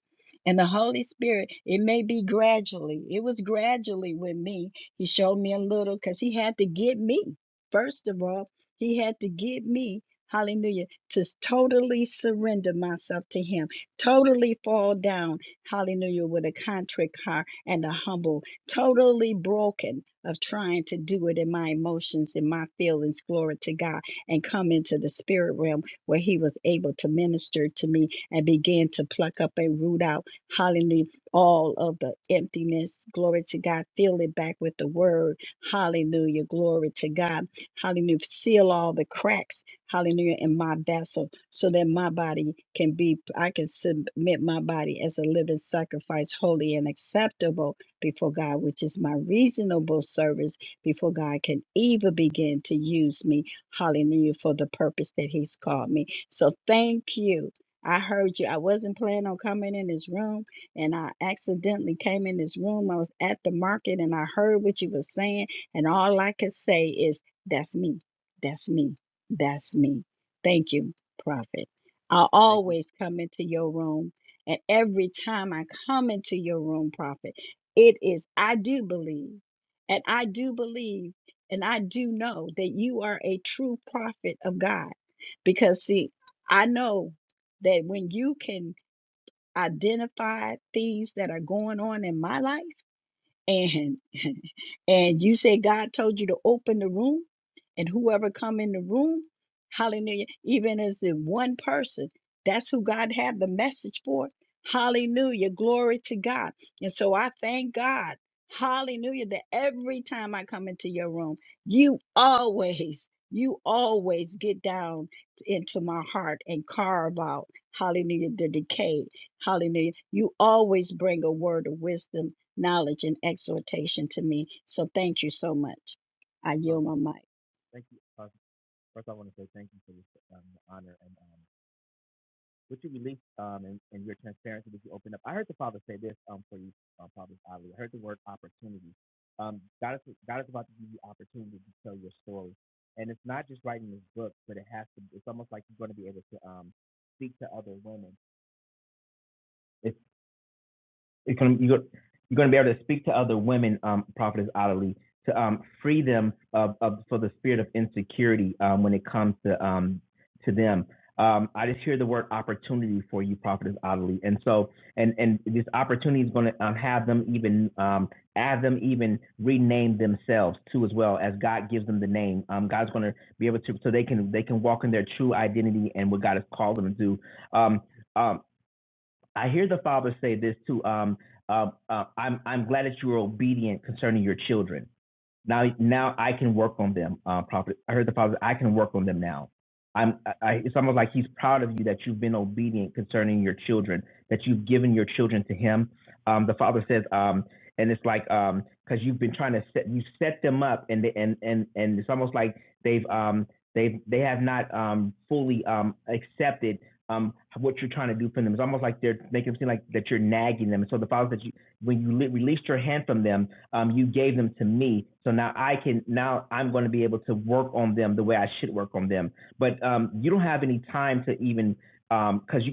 And the Holy Spirit, it may be gradually. It was gradually with me. He showed me a little because he had to get me. First of all, he had to get me, hallelujah, to totally surrender myself to him, totally fall down hallelujah, with a contrite heart and a humble, totally broken of trying to do it in my emotions in my feelings, glory to God, and come into the spirit realm where he was able to minister to me and begin to pluck up and root out, hallelujah, all of the emptiness, glory to God, fill it back with the word, hallelujah, glory to God, hallelujah, seal all the cracks, hallelujah, in my vessel so that my body can be, I can submit my body as a living sacrifice, holy and acceptable before God, which is my reasonable service before God can even begin to use me, hallelujah, for the purpose that He's called me. So thank you. I heard you. I wasn't planning on coming in this room and I accidentally came in this room. I was at the market and I heard what you were saying. And all I could say is, that's me. That's me. That's me. Thank you prophet. I Thank you. always come into your room, and every time I come into your room, prophet, it is, I do believe, and I do believe, and I do know that you are a true prophet of God. Because, see, I know that when you can identify things that are going on in my life, and <laughs> and you say God told you to open the room, and whoever come in the room, hallelujah, even as the one person, that's who God had the message for. Hallelujah, glory to God. And so I thank God, hallelujah, that every time I come into your room, you always, you always get down into my heart and carve out, hallelujah, the decay. Hallelujah. You always bring a word of wisdom knowledge and exhortation to me. So thank you so much. I yield my mic. God is about to give you opportunity. to your story. And it's not just writing this book. It has to. It's almost like you're going to be able to um, speak to other women. It's, it's gonna, you're, you're going to be able to speak to other women, um, Prophetess Adelie, to um, free them of, of for the spirit of insecurity um, when it comes to um, to them. Um, I just hear also and and even um, have them even rename themselves too as well as God gives them the name. Um, God's going to be able to so they can they can walk in their true identity and what God has called them to do. Um, um, I hear the father say this too. Um, uh, uh, I'm I'm glad that you were obedient concerning your children. Now, now I can work on them. Uh, prophet, I heard the prophet. I can work on them now. I'm. I, I- it's almost like he's proud of you that you've been obedient concerning your children, that you've given your children to him. Um, the father says, um, and it's like um, because you've been trying to set you set them up, and they, and and and it's almost like they've um they've they have not um fully um accepted um what you're trying to do for them. It's almost like they're making it seem like that you're nagging them. And so the father said, you when you li- released your hand from them um, you gave them to me, so now I can now I'm going to be able to work on them the way I should work on them. But um, you don't have any time to even because you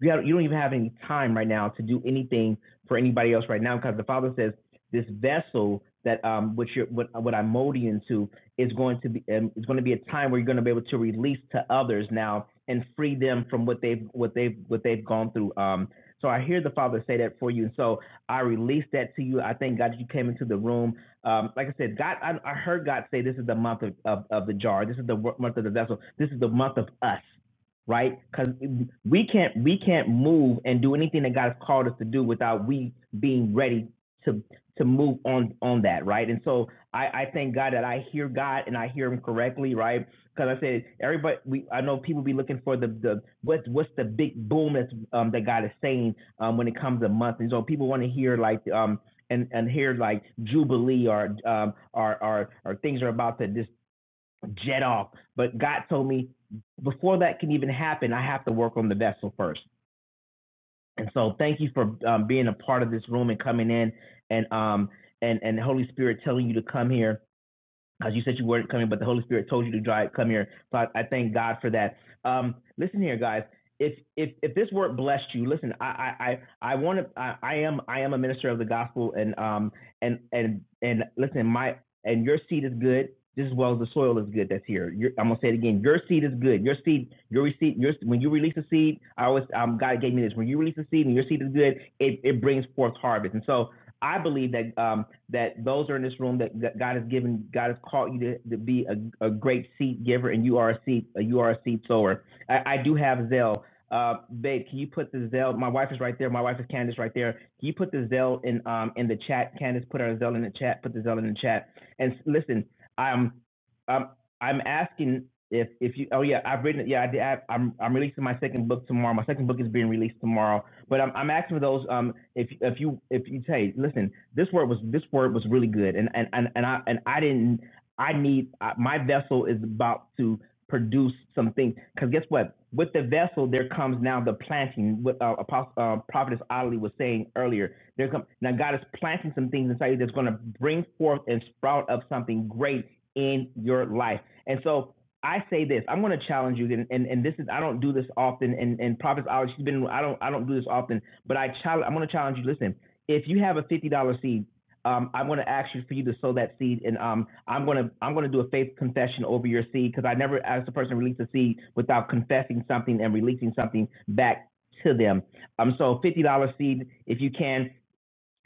you, don't even have any time right now to do anything for anybody else right now because the Father says this vessel that um which you're what, what i mold molding into is going to be um, it's going to be a time where you're going to be able to release to others now and free them from what they've what they've what they've gone through um so I hear the Father say that for you and so I released that to you. I thank God that you came into the room. Um, like I said, God, I, I heard God say, "This is the month of, of, of the jar. This is the month of the vessel. This is the month of us." Right? Because we can't we can't move and do anything that God has called us to do without we being ready to to move on on that. Right? And so I, I thank God that I hear God and I hear Him correctly. Right? Because I said everybody, we I know people be looking for the the what's what's the big boom that's um, that God is saying um, when it comes to months. And so people want to hear like um and and hear like jubilee or um or or or things are about to just jet off. But God told me before that can even happen, I have to work on the vessel first. And so thank you for um, being a part of this room and coming in and um and and Holy Spirit telling you to come here because you said you weren't coming, but the Holy Spirit told you to drive, come here. So I, I thank God for that. Um, listen here, guys. If if if this word blessed you, listen. I I I, want to. I, I am I am a minister of the gospel, and um and and and listen, my and your seed is good just as well as the soil is good that's here. Your, I'm gonna say it again. Your seed is good. Your seed, your seed, your when you release a seed, I always um, God gave me this. When you release a seed and your seed is good, it, it brings forth harvest. And so I believe that um, that those are in this room that God has given, God has called you to, to be a, a great seed giver, and you are a seed, you are a seed sower. I, I do have Zell. Uh, babe, can you put the Zell? My wife is right there. My wife is Candace right there. Can you put the Zell in um in the chat? Candace, put our Zell in the chat. Put the Zell in the chat. And s- listen, I'm um I'm asking if if you oh yeah I've written it yeah I did I, I'm I'm releasing my second book tomorrow. My second book is being released tomorrow but I'm, I'm asking for those. Um, if if you if you say, listen, this word was this word was really good, and and and, and I and I didn't. I need I, my vessel is about to produce some things. Because guess what? With the vessel, there comes now the planting. What uh, Apostle uh, Prophetess Ali was saying earlier. There come now God is planting some things inside you that's going to bring forth and sprout up something great in your life. And so I say this. I'm going to challenge you, and, and, and this is I don't do this often. And and Prophet Olive, she's been I don't I don't do this often, but I challenge. I'm going to challenge you. Listen, if you have a fifty dollar seed, um, I'm going to ask you for you to sow that seed, and um, I'm going to I'm going to do a faith confession over your seed because I never asked a person to release a seed without confessing something and releasing something back to them. Um, so fifty dollar seed if you can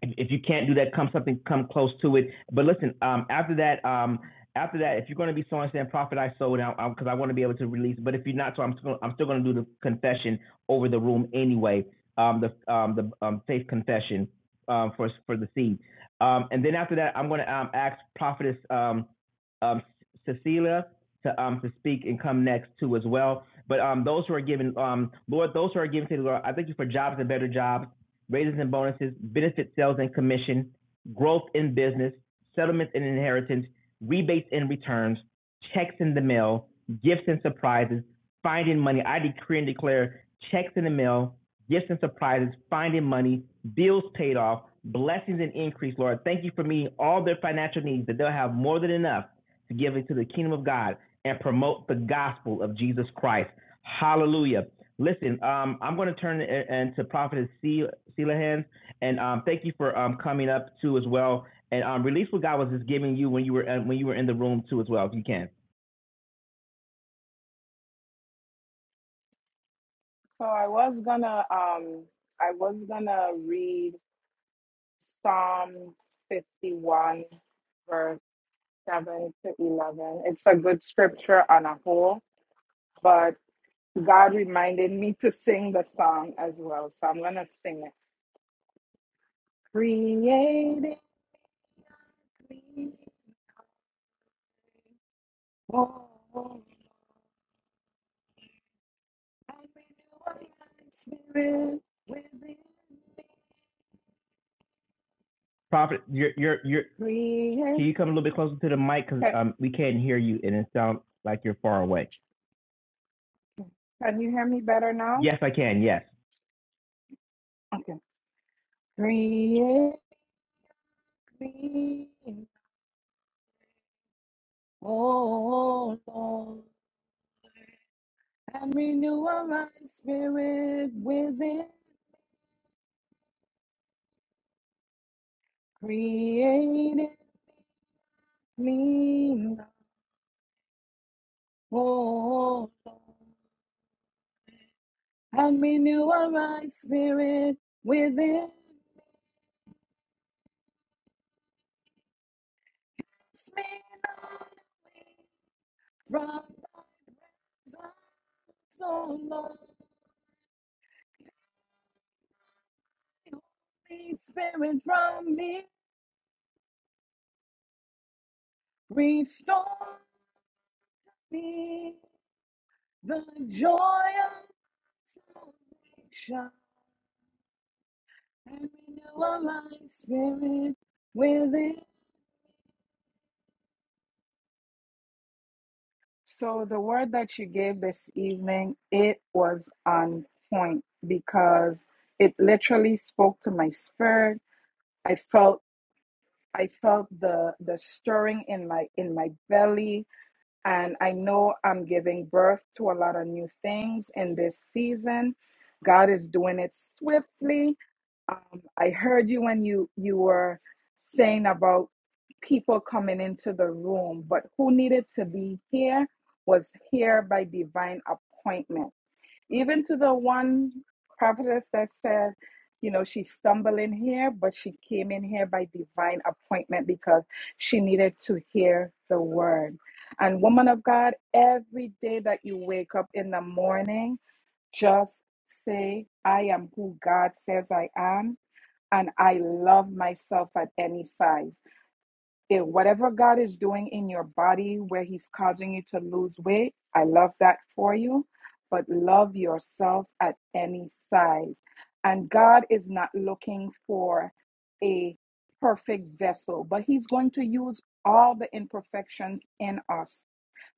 if, if you can't do that, come something come close to it. But listen, um, after that, um, after that, if you're going to be sowing, saying prophet, I sold out because I want to be able to release. But if you're not, so I'm still, I'm still going to do the confession over the room anyway. Um, the um, the um, faith confession um, for for the seed. Um, and then after that, I'm going to um, ask prophetess um, um, Cecilia to um to speak and come next too as well. But um, those who are giving, um, Lord, those who are giving to the Lord, I thank you for jobs and better jobs raises and bonuses, benefit sales and commission, growth in business, settlements and inheritance, rebates and returns, checks in the mail, gifts and surprises, finding money. I decree and declare checks in the mail, gifts and surprises, finding money, bills paid off, blessings and increase, Lord. Thank you for meeting all their financial needs, that they'll have more than enough to give it to the kingdom of God and promote the gospel of Jesus Christ. Hallelujah. Listen, um, I'm going to turn it and to Prophetess Se- Selahan, and um, thank you for um, coming up too as well, and um, release what God was just giving you when you were uh, when you were in the room too as well, if you can. So I was gonna um I was gonna read Psalm 51 verse 7 to 11. It's a good scripture on a whole, but God reminded me to sing the song as well. So I'm going to sing it. Created I Prophet, you're you're you're. Can you come a little bit closer to the mic because um, we can't hear you and it sounds like you're far away. Yes, I can. Yes. I, felt the arms in this. God doing it swift. Um, I heard you when you you were saying Pierre wasn't it? even probably you know 'cause share the word. And woman, every day that you wake up in the morning, just say, "I am who God says I am." and I love myself at any size. it, whatever God is doing in your body where He's causing you to lose weight, I love that for you. But love yourself at any size. And God is not looking for a perfect vessel, but He's going to use all the imperfections in us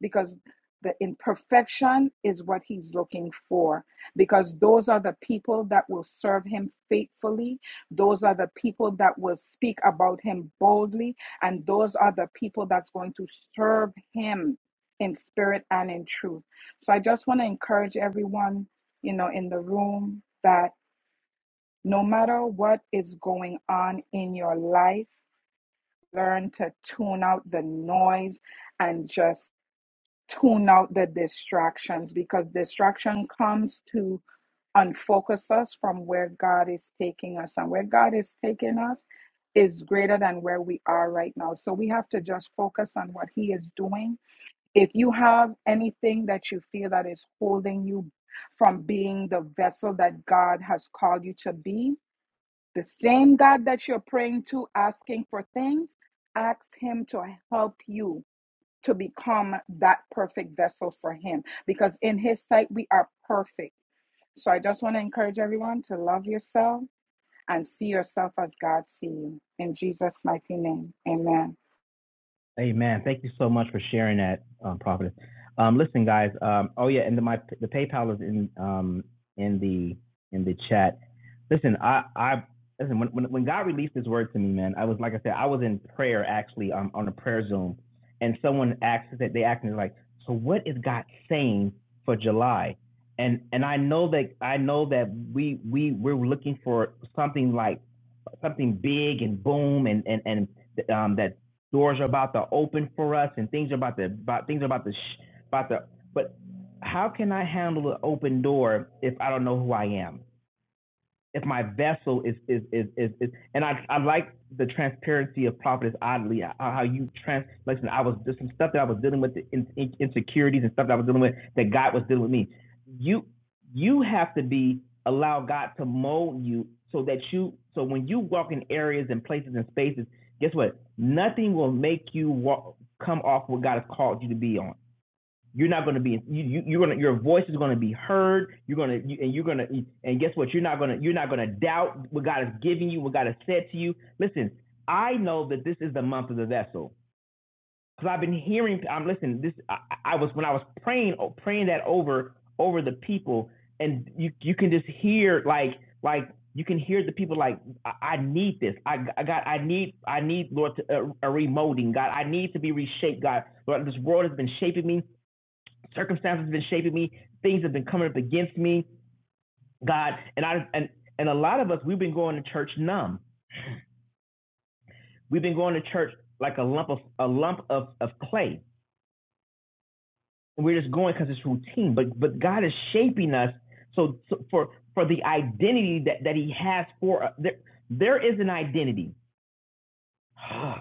because the imperfection is what He's looking for. Because those are the people that will serve Him faithfully, those are the people that will speak about Him boldly, and those are the people that's going to serve him in spirit and in truth so i just want to encourage everyone you know in the room that no matter what is going on in your life learn to tune out the noise and just tune out the distractions because distraction comes to unfocus us from where God is taking us. And where God is taking us is greater than where we are right now. So we have to just focus on what He is doing. If you have anything that you feel that is holding you from being the vessel that God has called you to be, the same God that you're praying to, asking for things, ask Him to help you to become that perfect vessel for Him because in His sight we are perfect. So I just want to encourage everyone to love yourself and see yourself as God sees you. In Jesus' mighty name, amen. Amen. Thank you so much for sharing that, um, Prophet. Um, listen, guys. Um, oh yeah, and the, my the PayPal is in um, in the in the chat. Listen, I I listen when, when when God released His word to me, man. I was like I said, I was in prayer actually um, on a prayer Zoom, and someone asked that they asked me like, so what is God saying for July? And and I know that I know that we we we're looking for something like something big and boom and and and um, that doors are about to open for us and things are about to about things are about to sh- about to but how can I handle an open door if I don't know who I am? if my vessel is is is is, is and I I like the transparency of prophetess oddly uh, how you trans listen I was there's some stuff that I was dealing with the in, in- insecurities and stuff that I was dealing with that God was dealing with me you you have to be allow God to mold you so that you so when you walk in areas and places and spaces guess what nothing will make you walk come off what God has called you to be on you're not going to be you, you you're going to your voice is going to be heard you're going to you, and you're going to and guess what you're not going to you're not going to doubt what god has given you what god has said to you listen i know that this is the month of the vessel because i've been hearing i'm listening this I, I was when i was praying oh, praying that over over the people and you you can just hear like like you can hear the people like I, I need this I, I got I need I need Lord to, uh, a remolding God I need to be reshaped God Lord this world has been shaping me circumstances have been shaping me. Things have been coming up against me. God, and I and and a lot of us we've been going to church numb. We've been going to church like a lump of a lump of of clay. And we're just going because it's routine. But but God is shaping us so, so for for the identity that that He has for us. There, there is an identity. <sighs> Ah,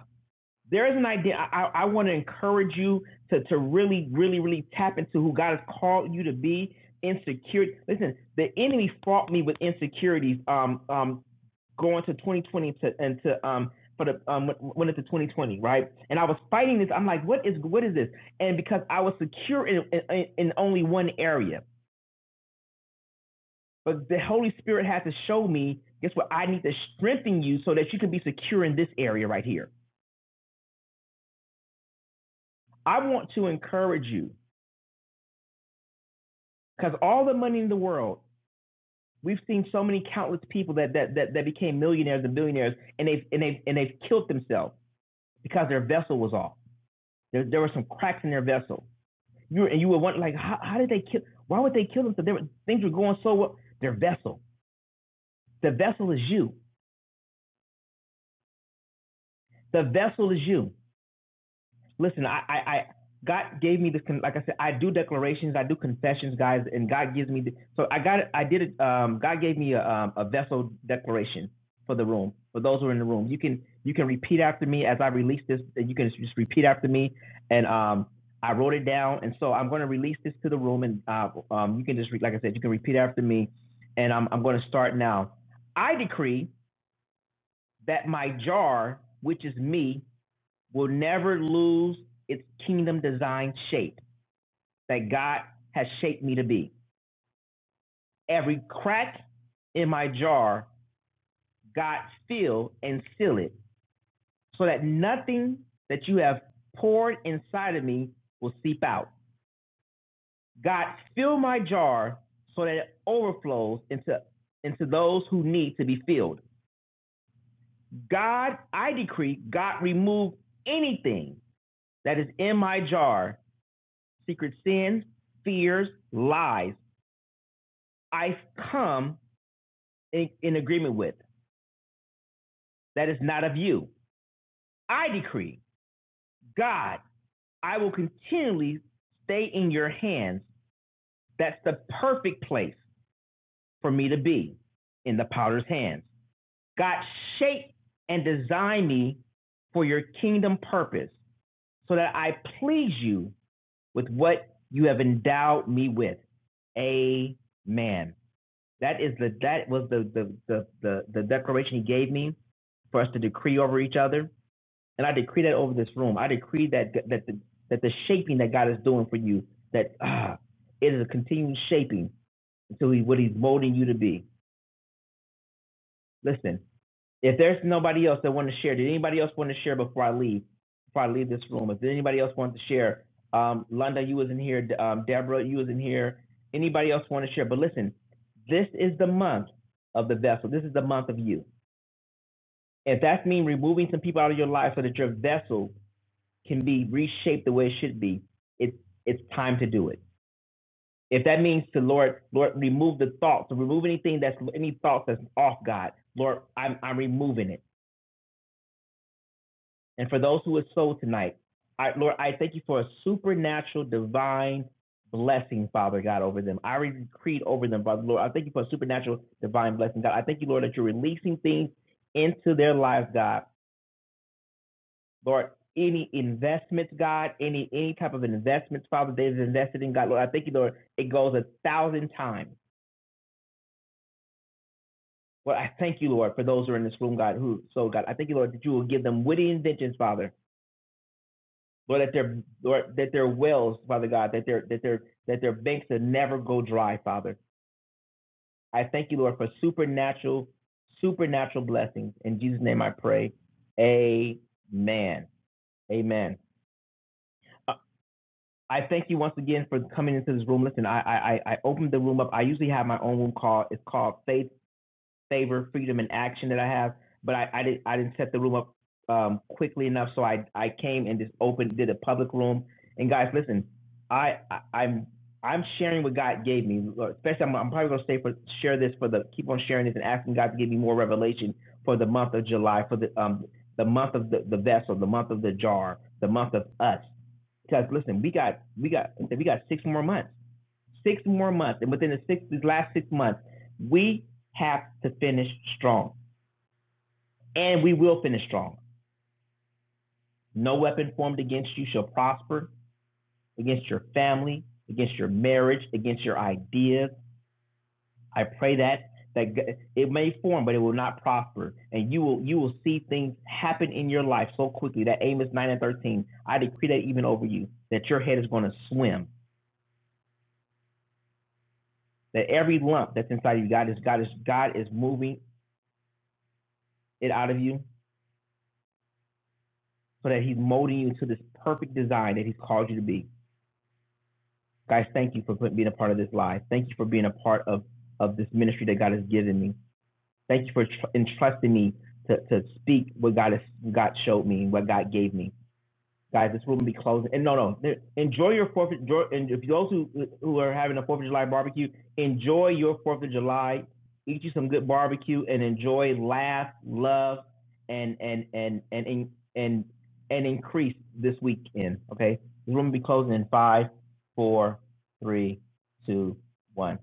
there is an idea. I, I want to encourage you to, to really, really, really tap into who God has called you to be. Insecurity. Listen, the enemy fought me with insecurities. Um, um, going to 2020 to and to um for the um went into 2020, right? And I was fighting this. I'm like, what is what is this? And because I was secure in in, in only one area, but the Holy Spirit had to show me. Guess what? I need to strengthen you so that you can be secure in this area right here. I want to encourage you Because all the money in the world, we've seen so many countless people that that that, that became millionaires and billionaires, and they've and they've and they've killed themselves because their vessel was off. There there were some cracks in their vessel. You were- and you would wonder like how, how did they kill? Why would they kill themselves? There were, things were going so well. Their vessel, the vessel is you. The vessel is you. listen, I, I, I God gave me this. like I said, I do declarations, I do confessions, guys, and God gives me. The, so I got, it. I did it. Um, God gave me a, um, a vessel declaration for the room. For those who are in the room, you can you can repeat after me as I release this. and You can just repeat after me, and um, I wrote it down. And so I'm going to release this to the room, and uh, um, you can just re- like I said, you can repeat after me, and I'm I'm going to start now. I decree that my jar, which is me, will never lose its kingdom design shape that God has shaped me to be. Every crack in my jar, God fill and seal it so that nothing that you have poured inside of me will seep out. God, fill my jar so that it overflows into, into those who need to be filled. God, I decree, God, remove anything that is in my jar secret sins, fears, lies, I come in, in agreement with that is not of you. I decree, God, I will continually stay in your hands. That's the perfect place for me to be in the potter's hands. God, shape and design me for your kingdom purpose so that I please you with what you have endowed me with. Amen. That is the that was the the the the, the declaration he gave me for us to decree over each other, and I decree that over this room. I decree that that the that the shaping that God is doing for you that ah, it is a continued shaping to what He's molding you to be. Listen, if there's nobody else that want to share, did anybody else want to share before I leave? Before I leave this room, if anybody else wants to share, um, Londa, you was in here. D- Um, Deborah, you was in here. Anybody else want to share? But listen, this is the month of the vessel. This is the month of you. If that means removing some people out of your life so that your vessel can be reshaped the way it should be, it's it's time to do it. If that means to Lord, Lord, remove the thoughts, remove anything that's any thoughts that's off God. Lord, I'm I'm removing it. And for those who are sold tonight, I, Lord, I thank you for a supernatural divine blessing, Father God, over them. I decreed over them, Father Lord. I thank you for a supernatural divine blessing, God. I thank you, Lord, that you're releasing things into their lives, God. Lord, any investments, God, any any type of investments, Father, they've invested in God, Lord. I thank you, Lord. It goes a thousand times. Lord, I thank you, Lord, for those who are in this room, God, who sold, God. I thank you, Lord, that you will give them witty inventions, Father Lord, that their Lord, that their wells, Father God, that their that their that their banks will never go dry, Father. I thank you, Lord, for supernatural, supernatural blessings. In Jesus' name I pray. Amen. Amen. Uh, I thank you once again for coming into this room. Listen, I I I I opened the room up. I usually have my own room called it's called Faith favor, freedom, and action that I have. But I, I didn't I didn't set the room up um, quickly enough, so I I came and just opened did a public room. And guys, listen, I, I I'm I'm sharing what God gave me. Especially, I'm, I'm probably gonna stay for share this for the keep on sharing this and asking God to give me more revelation for the month of July, for the um the month of the, the vessel, the month of the jar, the month of us. Because listen, we got we got we got six more months six more months, and within the six, these last six months, we have to finish strong, and we will finish strong. No weapon formed against you shall prosper, against your family, against your marriage, against your ideas. I pray that that it may form, but it will not prosper, and you will you will see things happen in your life so quickly. That Amos nine and thirteen, I decree that even over you, that your head is going to swim. That every lump that's inside of you, God is God is God is moving it out of you so that He's molding you to this perfect design that He's called you to be. Guys, thank you for being a part of this live. Thank you for being a part of, of this ministry that God has given me. Thank you for tr- entrusting me to, to speak what God has God showed me and what God gave me guys, this room will be closing. And no, no, there- enjoy your Fourth. of- Enjoy, and if those who who are having a Fourth of July barbecue, enjoy your Fourth of July. Eat you some good barbecue and enjoy, laugh, love, and and and and and and, and increase this weekend. Okay, this room will be closing in five, four, three, two, one.